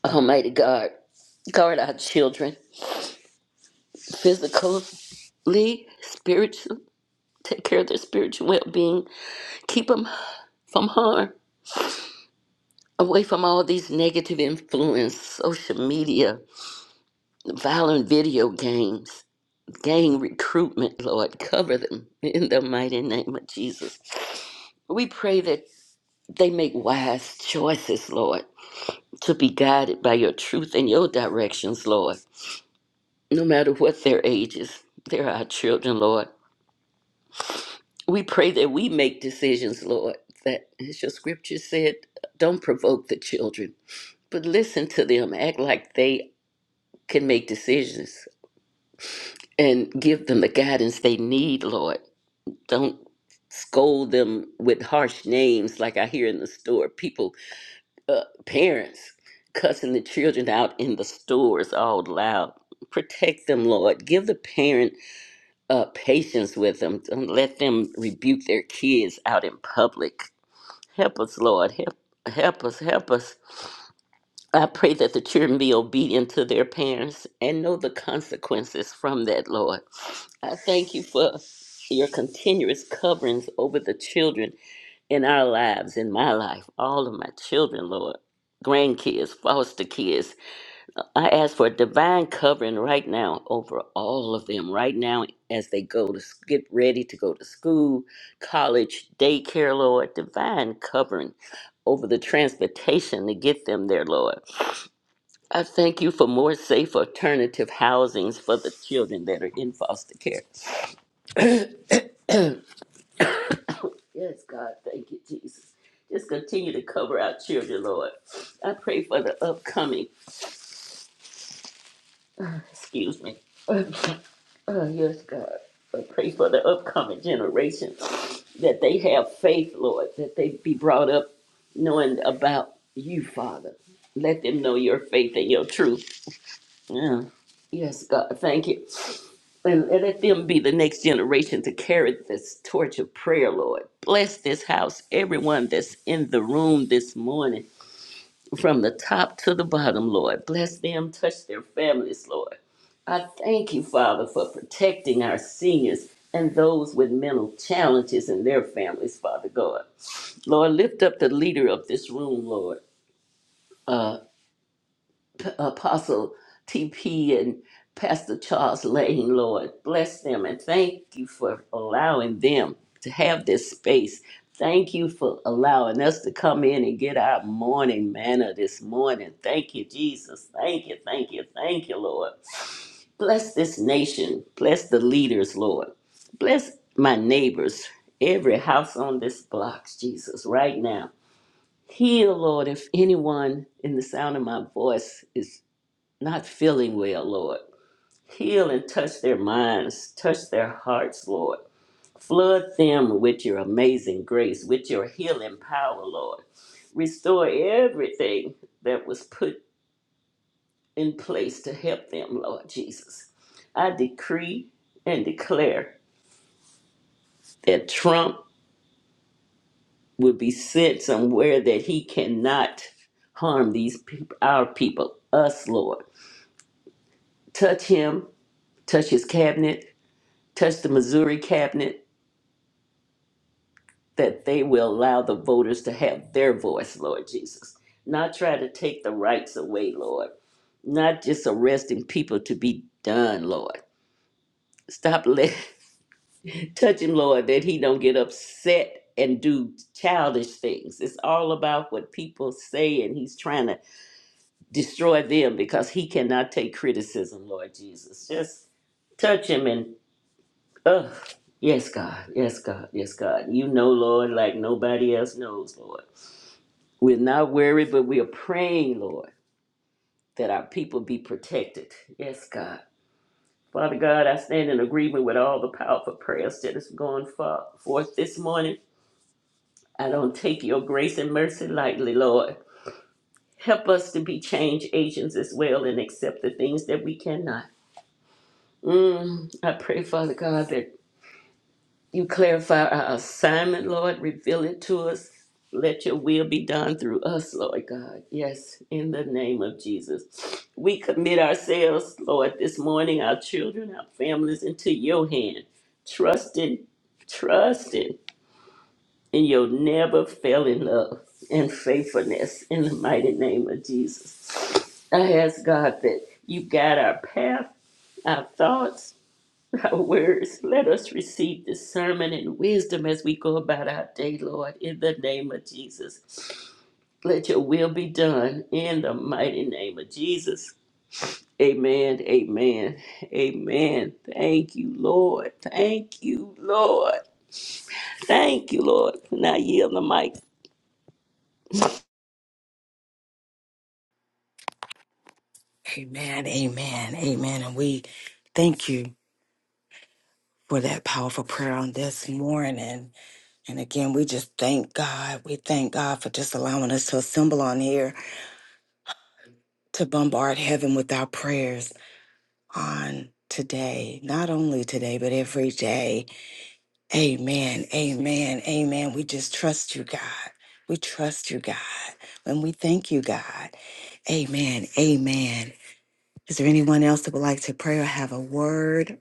Almighty God, guard our children physically, spiritually. Take care of their spiritual well being. Keep them from harm, away from all these negative influence, social media, violent video games, gang recruitment, Lord. Cover them in the mighty name of Jesus. We pray that they make wise choices, Lord, to be guided by your truth and your directions, Lord. no matter what their ages. They're our children, Lord. We pray that we make decisions, Lord, that, as your scripture said, don't provoke the children, but listen to them, act like they can make decisions, and give them the guidance they need, Lord. Don't scold them with harsh names like I hear in the store. People, uh, parents, cussing the children out in the stores all loud. Protect them, Lord. Give the parent uh, patience with them. Don't let them rebuke their kids out in public. Help us, Lord. Help, help us. Help us. I pray that the children be obedient to their parents and know the consequences from that, Lord. I thank you for your continuous coverings over the children in our lives, in my life, all of my children, Lord, grandkids, foster kids. I ask for a divine covering right now over all of them right now as they go to get ready to go to school, college, daycare, Lord. Divine covering over the transportation to get them there, Lord. I thank you for more safe alternative housings for the children that are in foster care. Yes, God, thank you, Jesus. Just continue to cover our children, Lord. I pray for the upcoming, excuse me. Oh, yes, God. I pray for the upcoming generation that they have faith, Lord, that they be brought up knowing about you, Father. Let them know your faith and your truth. Yeah. Yes, God. Thank you. And, and let them be the next generation to carry this torch of prayer, Lord. Bless this house, everyone that's in the room this morning from the top to the bottom, Lord. Bless them, touch their families, Lord. I thank you, Father, for protecting our seniors and those with mental challenges and their families, Father God. Lord, lift up the leader of this room, Lord. Uh. Apostle TP and Pastor Charles Lane, Lord. Bless them and thank you for allowing them to have this space. Thank you for allowing us to come in and get our morning manna this morning. Thank you, Jesus. Thank you, thank you, thank you, Lord. Bless this nation. Bless the leaders, Lord. Bless my neighbors, every house on this block, Jesus, right now. Heal, Lord, if anyone in the sound of my voice is not feeling well, Lord. Heal and touch their minds, touch their hearts, Lord. Flood them with your amazing grace, with your healing power, Lord. Restore everything that was put in place to help them, Lord Jesus. I decree and declare that Trump will be sent somewhere that he cannot harm these people, our people, us, Lord. Touch him, touch his cabinet, touch the Missouri cabinet, that they will allow the voters to have their voice, Lord Jesus. Not try to take the rights away, Lord. Not just arresting people to be done, Lord. Stop let, touch him, Lord, that he don't get upset and do childish things. It's all about what people say, and he's trying to destroy them because he cannot take criticism, Lord Jesus. Just touch him and, ugh. Yes, God. Yes, God. Yes, God. You know, Lord, like nobody else knows, Lord. We're not worried, but we are praying, Lord, that our people be protected. Yes, God. Father God, I stand in agreement with all the powerful prayers that is going for- forth this morning. I don't take your grace and mercy lightly, Lord. Help us to be change agents as well and accept the things that we cannot. Mm, I pray, Father God, that You clarify our assignment, Lord. Reveal it to us. Let your will be done through us, Lord God. Yes, in the name of Jesus. We commit ourselves, Lord, this morning, our children, our families, into your hand, trusting, trusting in your never failing love and faithfulness in the mighty name of Jesus. I ask God that you guide our path, our thoughts, our words. Let us receive discernment and wisdom as we go about our day, Lord, in the name of Jesus. Let your will be done in the mighty name of Jesus. Amen, amen, amen. Thank you, Lord. Thank you, Lord. Thank you, Lord. Now yield the mic. Amen. Amen. Amen. And we thank you for that powerful prayer on this morning. And again, we just thank God. We thank God for just allowing us to assemble on here to bombard heaven with our prayers on today. Not only today, but every day. Amen. Amen. Amen. We just trust you, God. We trust you, God. And we thank you, God. Amen. Amen. Is there anyone else that would like to pray or have a word?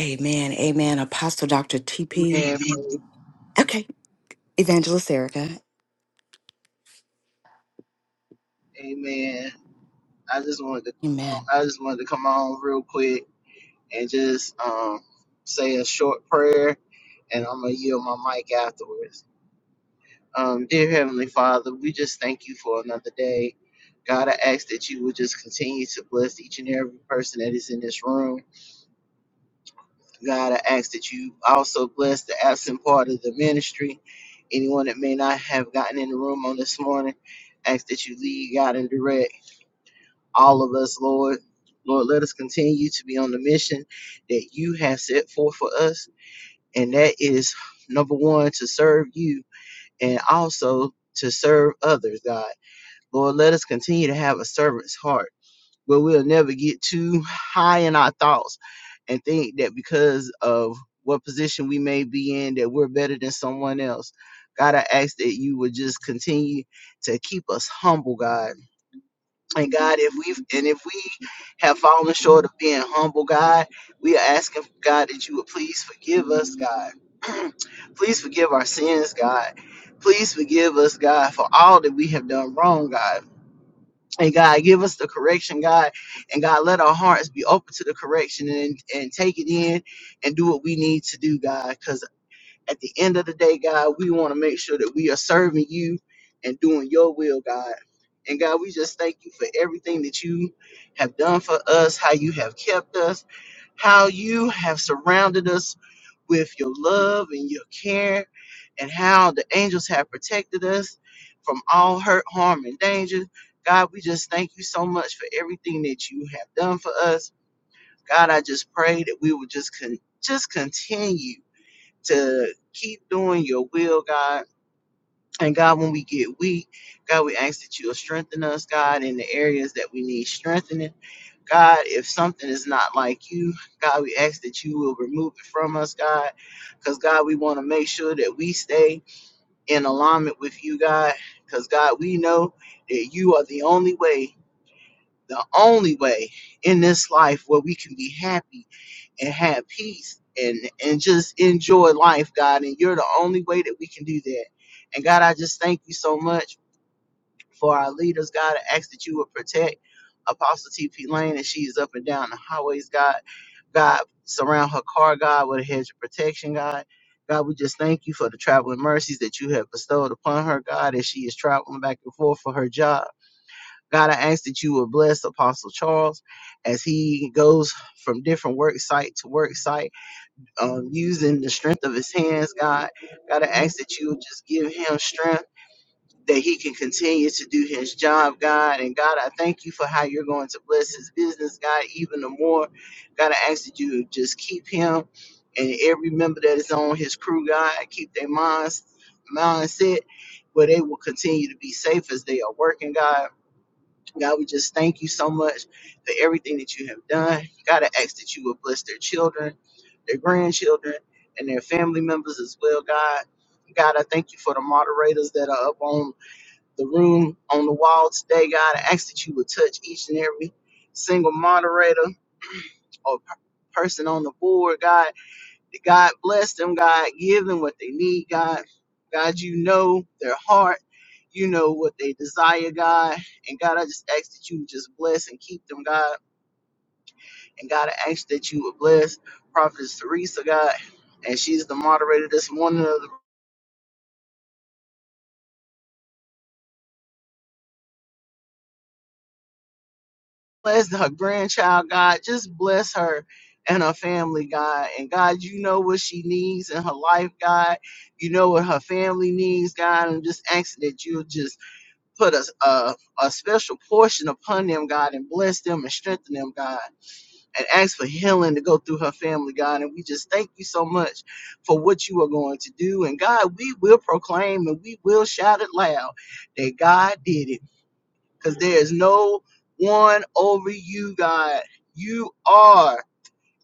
Amen. Amen. Apostle Dr. TP. Amen. bro. Okay. Evangelist Erica. Amen. I just wanted to Amen. I just wanted to come on real quick and just um say a short prayer and I'm gonna yield my mic afterwards. Um, dear Heavenly Father, we just thank you for another day. God, I ask that you would just continue to bless each and every person that is in this room. God, I ask that you also bless the absent part of the ministry. Anyone that may not have gotten in the room on this morning, ask that you lead, God, and direct all of us, Lord. Lord, let us continue to be on the mission that you have set forth for us. And that is number one, to serve you and also to serve others, God. Lord, let us continue to have a servant's heart but we'll never get too high in our thoughts and think that because of what position we may be in that we're better than someone else. God, I ask that you would just continue to keep us humble, God. And God, if we've and if we have fallen short of being humble, God, we are asking God that you would please forgive us, God. please forgive our sins, God. Please forgive us, God, for all that we have done wrong, God. And God, give us the correction, God. And God, let our hearts be open to the correction and, and take it in and do what we need to do, God. At the end of the day, God, we want to make sure that we are serving you and doing your will, God. And God, we just thank you for everything that you have done for us, how you have kept us, how you have surrounded us with your love and your care, and how the angels have protected us from all hurt, harm, and danger. God, we just thank you so much for everything that you have done for us. God, I just pray that we will just con- just continue to keep doing your will, God. And God, when we get weak, God, we ask that you'll strengthen us, God, in the areas that we need strengthening. God, if something is not like you, God, we ask that you will remove it from us, God. Because, God, we want to make sure that we stay in alignment with you, God. Because, God, we know that you are the only way, the only way in this life where we can be happy and have peace and and just enjoy life, God. And you're the only way that we can do that. And God, I just thank you so much for our leaders, God. I ask that you would protect Apostle TP Lane as she is up and down the highways, God. God, surround her car, God, with a hedge of protection, God. God, we just thank you for the traveling mercies that you have bestowed upon her, God, as she is traveling back and forth for her job. God, I ask that you would bless Apostle Charles as he goes from different work site to work site um, using the strength of his hands, God. God, I ask that you would just give him strength that he can continue to do his job, God. And God, I thank you for how you're going to bless his business, God, even the more. God, I ask that you would just keep him and every member that is on his crew, God, keep their minds mindset where they will continue to be safe as they are working, God. God, we just thank you so much for everything that you have done. God, I ask that you would bless their children, their grandchildren, and their family members as well, God. God, I thank you for the moderators that are up on the room, on the wall today, God. I ask that you would touch each and every single moderator or per- person on the board, God. God bless them, God. Give them what they need, God. God, you know their heart. You know what they desire, God. And God, I just ask that you would just bless and keep them, God. And God, I ask that you would bless Prophetess Teresa, God. And she's the moderator this morning of the bless her grandchild, God. Just bless her and her family, God. And God, you know what she needs in her life, God. You know what her family needs, God. I'm just asking that you would just put a, a, a special portion upon them, God, and bless them and strengthen them, God, and ask for healing to go through her family, God. And we just thank you so much for what you are going to do. And God, we will proclaim and we will shout it loud that God did it because there is no one over you, God. You are,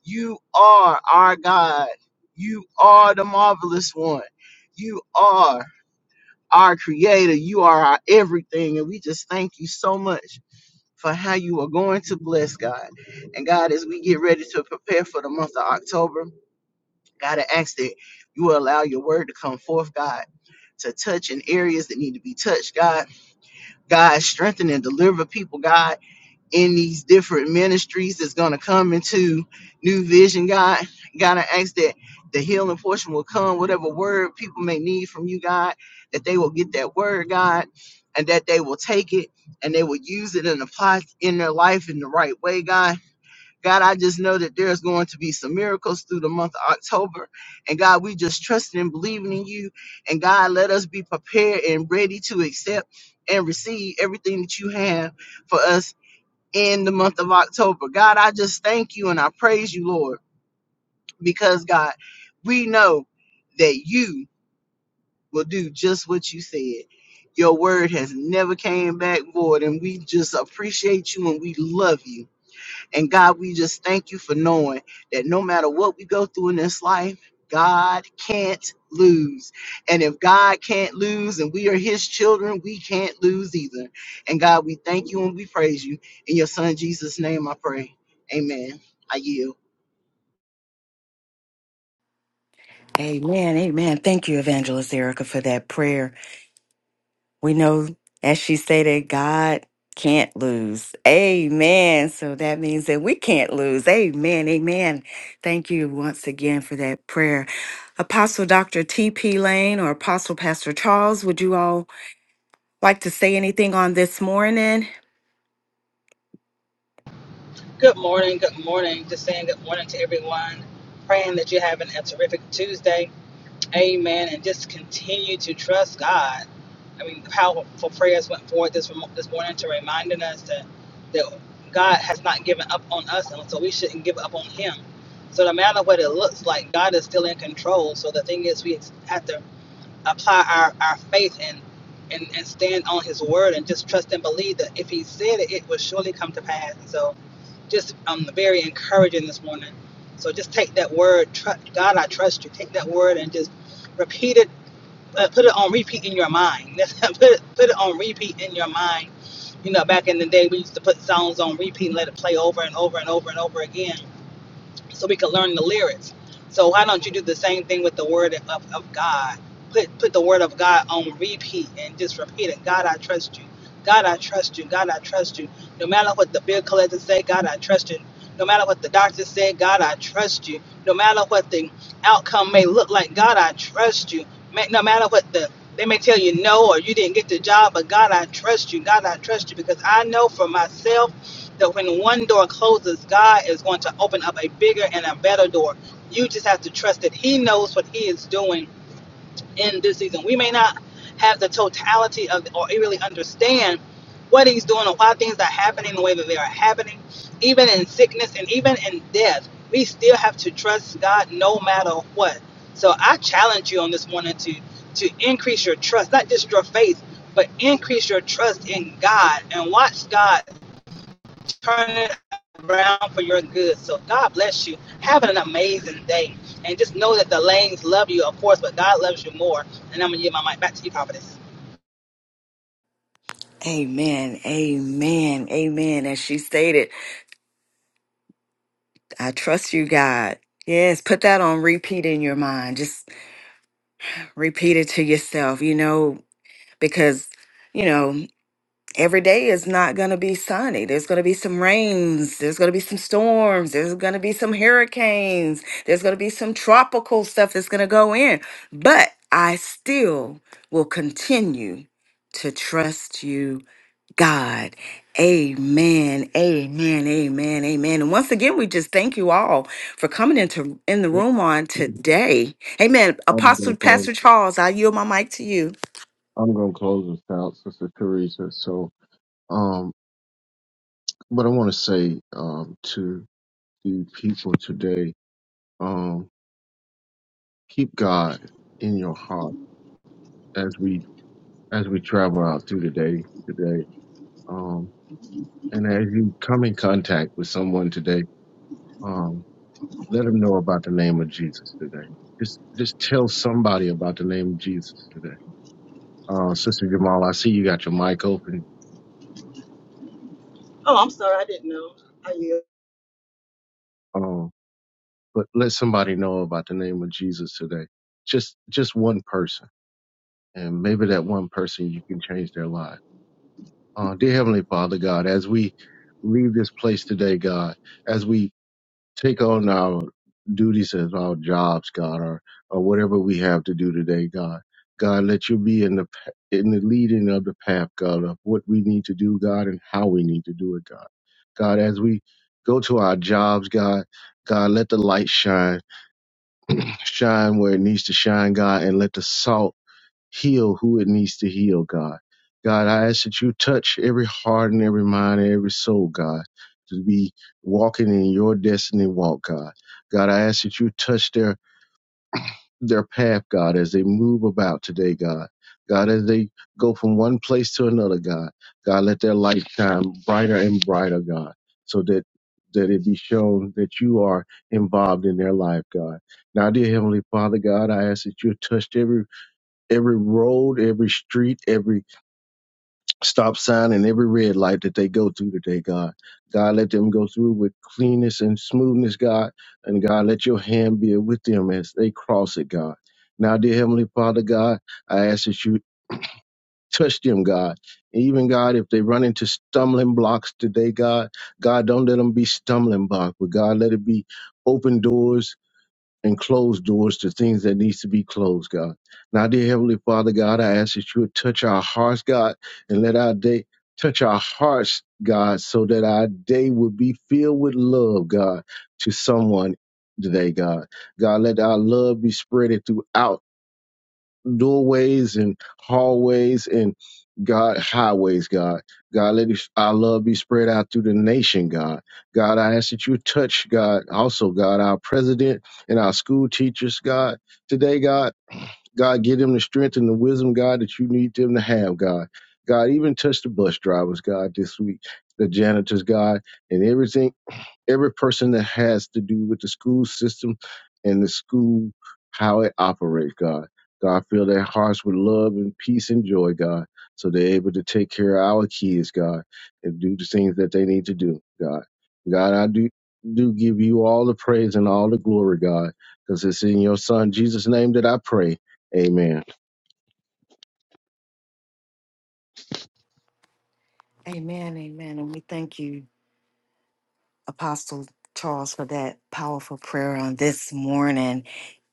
you are our God. You are the marvelous one. You are our creator. You are our everything. And we just thank you so much for how you are going to bless God. And God, as we get ready to prepare for the month of October, God, I ask that you will allow your word to come forth, God, to touch in areas that need to be touched, God. God, strengthen and deliver people, God in these different ministries that's going to come into New Vision, God. God, I ask that the healing portion will come, whatever word people may need from you, God, that they will get that word, God, and that they will take it and they will use it and apply it in their life in the right way, God. God, I just know that there's going to be some miracles through the month of October. And God, we just trusting and believing in you. And God, let us be prepared and ready to accept and receive everything that you have for us in the month of October. God, I just thank you and I praise you, Lord, because God, we know that you will do just what you said. Your word has never came back void, and we just appreciate you and we love you. And God, we just thank you for knowing that no matter what we go through in this life, God can't lose. And if God can't lose and we are his children, we can't lose either. And God, we thank you and we praise you. In your son Jesus' name I pray. Amen. I yield. Amen. Amen. Thank you, Evangelist Erica, for that prayer. we know, as she stated, God can't lose. Amen. So that means that we can't lose. Amen. Amen. Thank you once again for that prayer. Apostle Dr. T.P. Lane or Apostle Pastor Charles, would you all like to say anything on this morning? Good morning, good morning. Just saying good morning to everyone. Praying that you're having a terrific Tuesday. Amen. And just continue to trust God. I mean, powerful prayers went forward this this morning to reminding us that that God has not given up on us, and so we shouldn't give up on Him. So no matter what it looks like, God is still in control. So the thing is, we have to apply our, our faith and, and, and stand on his word and just trust and believe that if he said it, it will surely come to pass. And so just um, very encouraging this morning. So just take that word, tr- God, I trust you. Take that word and just repeat it, uh, put it on repeat in your mind. put, it, put it on repeat in your mind. You know, back in the day, we used to put songs on repeat and let it play over and over and over and over again so we could learn the lyrics. So why don't you do the same thing with the word of, of God? Put put the word of God on repeat and just repeat it. God, I trust you. God, I trust you. God, I trust you. No matter what the bill collector say, God, I trust you. No matter what the doctor said, God, I trust you. No matter what the outcome may look like, God, I trust you. Ma- No matter what the they may tell you no or you didn't get the job, but God, I trust you. God, I trust you because I know for myself that when one door closes, God is going to open up a bigger and a better door. You just have to trust that He knows what He is doing in this season. We may not have the totality of or really understand what He's doing or why things are happening the way that they are happening, even in sickness and even in death. We still have to trust God no matter what. So I challenge you on this morning to to increase your trust, not just your faith, but increase your trust in God and watch God turn it around for your good. So God bless you. Have an amazing day. And just know that the lanes love you, of course, but God loves you more. And I'm going to give my mic back to you, Prophet. Amen. Amen. Amen. As she stated, I trust you, God. Yes, put that on repeat in your mind. Just repeat it to yourself, you know, because, you know, every day is not going to be sunny. There's going to be some rains. There's going to be some storms. There's going to be some hurricanes. There's going to be some tropical stuff that's going to go in. But I still will continue to trust you, God. Amen. Amen. Amen. Amen. And once again, we just thank you all for coming into in the I'm room on today. Amen. Apostle gonna close. Pastor Charles, I yield my mic to you. I'm gonna close this out, Sister Teresa. So, um, what I want to say, um, to the people today, um, keep God in your heart as we as we travel out through the day today. Um, and as you come in contact with someone today, um, let them know about the name of Jesus today. Just just tell somebody about the name of Jesus today. Uh, Sister Jamal, I see you got your mic open. Oh, I'm sorry, I didn't know. I yield. Um, but let somebody know about the name of Jesus today. Just just one person, and maybe that one person you can change their life. Uh, dear Heavenly Father God, as we leave this place today, God, as we take on our duties as our jobs, God, or or whatever we have to do today, God. God, let you be in the pa- in the leading of the path, God, of what we need to do, God, and how we need to do it, God. God, as we go to our jobs, God, God, let the light shine shine where it needs to shine, God, and let the salt heal who it needs to heal, God. God, I ask that you touch every heart and every mind and every soul, God, to be walking in your destiny walk, God. God, I ask that you touch their their path, God, as they move about today, God. God, as they go from one place to another, God. God, let their light shine brighter and brighter, God, so that that it be shown that you are involved in their life, God. Now, dear Heavenly Father, God, I ask that you touch every every road, every street, every stop sign and every red light that they go through today, God. God, let them go through with cleanness and smoothness, God. And God, let your hand be with them as they cross it, God. Now, dear Heavenly Father, God, I ask that you touch them, God. Even God, if they run into stumbling blocks today, God, God, don't let them be stumbling blocks, but God, let it be open doors and close doors to things that needs to be closed, God. Now, dear Heavenly Father, God, I ask that you would touch our hearts, God, and let our day touch our hearts, God, so that our day would be filled with love, God, to someone today, God. God, let our love be spreaded throughout doorways and hallways and God highways, God. God, let it- our love be spread out through the nation, God. God, I ask that you touch, God, also, God, our president and our school teachers, God. Today, God, God, give them the strength and the wisdom, God, that you need them to have, God. God, even touch the bus drivers, God, this week, the janitors, God, and everything every person that has to do with the school system and the school, how it operates, God. God, fill their hearts with love and peace and joy, God, so they're able to take care of our kids, God, and do the things that they need to do, God. God, I do do give you all the praise and all the glory, God, because it's in your son Jesus' name that I pray. Amen. Amen. Amen. And we thank you. Apostle Charles for that powerful prayer on this morning.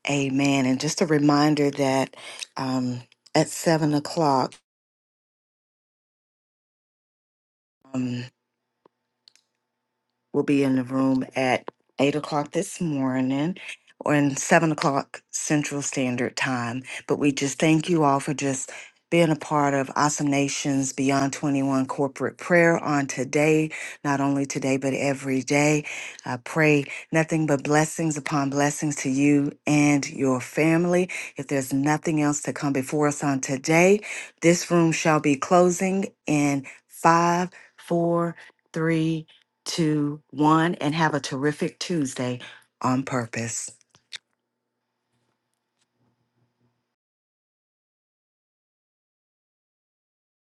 Amen. And just a reminder that um, at seven o'clock, um, will be in the room at 8 o'clock this morning or in 7 o'clock Central Standard Time. But we just thank you all for just being a part of Awesome Nations Beyond 21 corporate prayer on today, not only today, but every day. I pray nothing but blessings upon blessings to you and your family. If there's nothing else to come before us on today, this room shall be closing in five, four, three, two, one, and have a terrific Tuesday on purpose.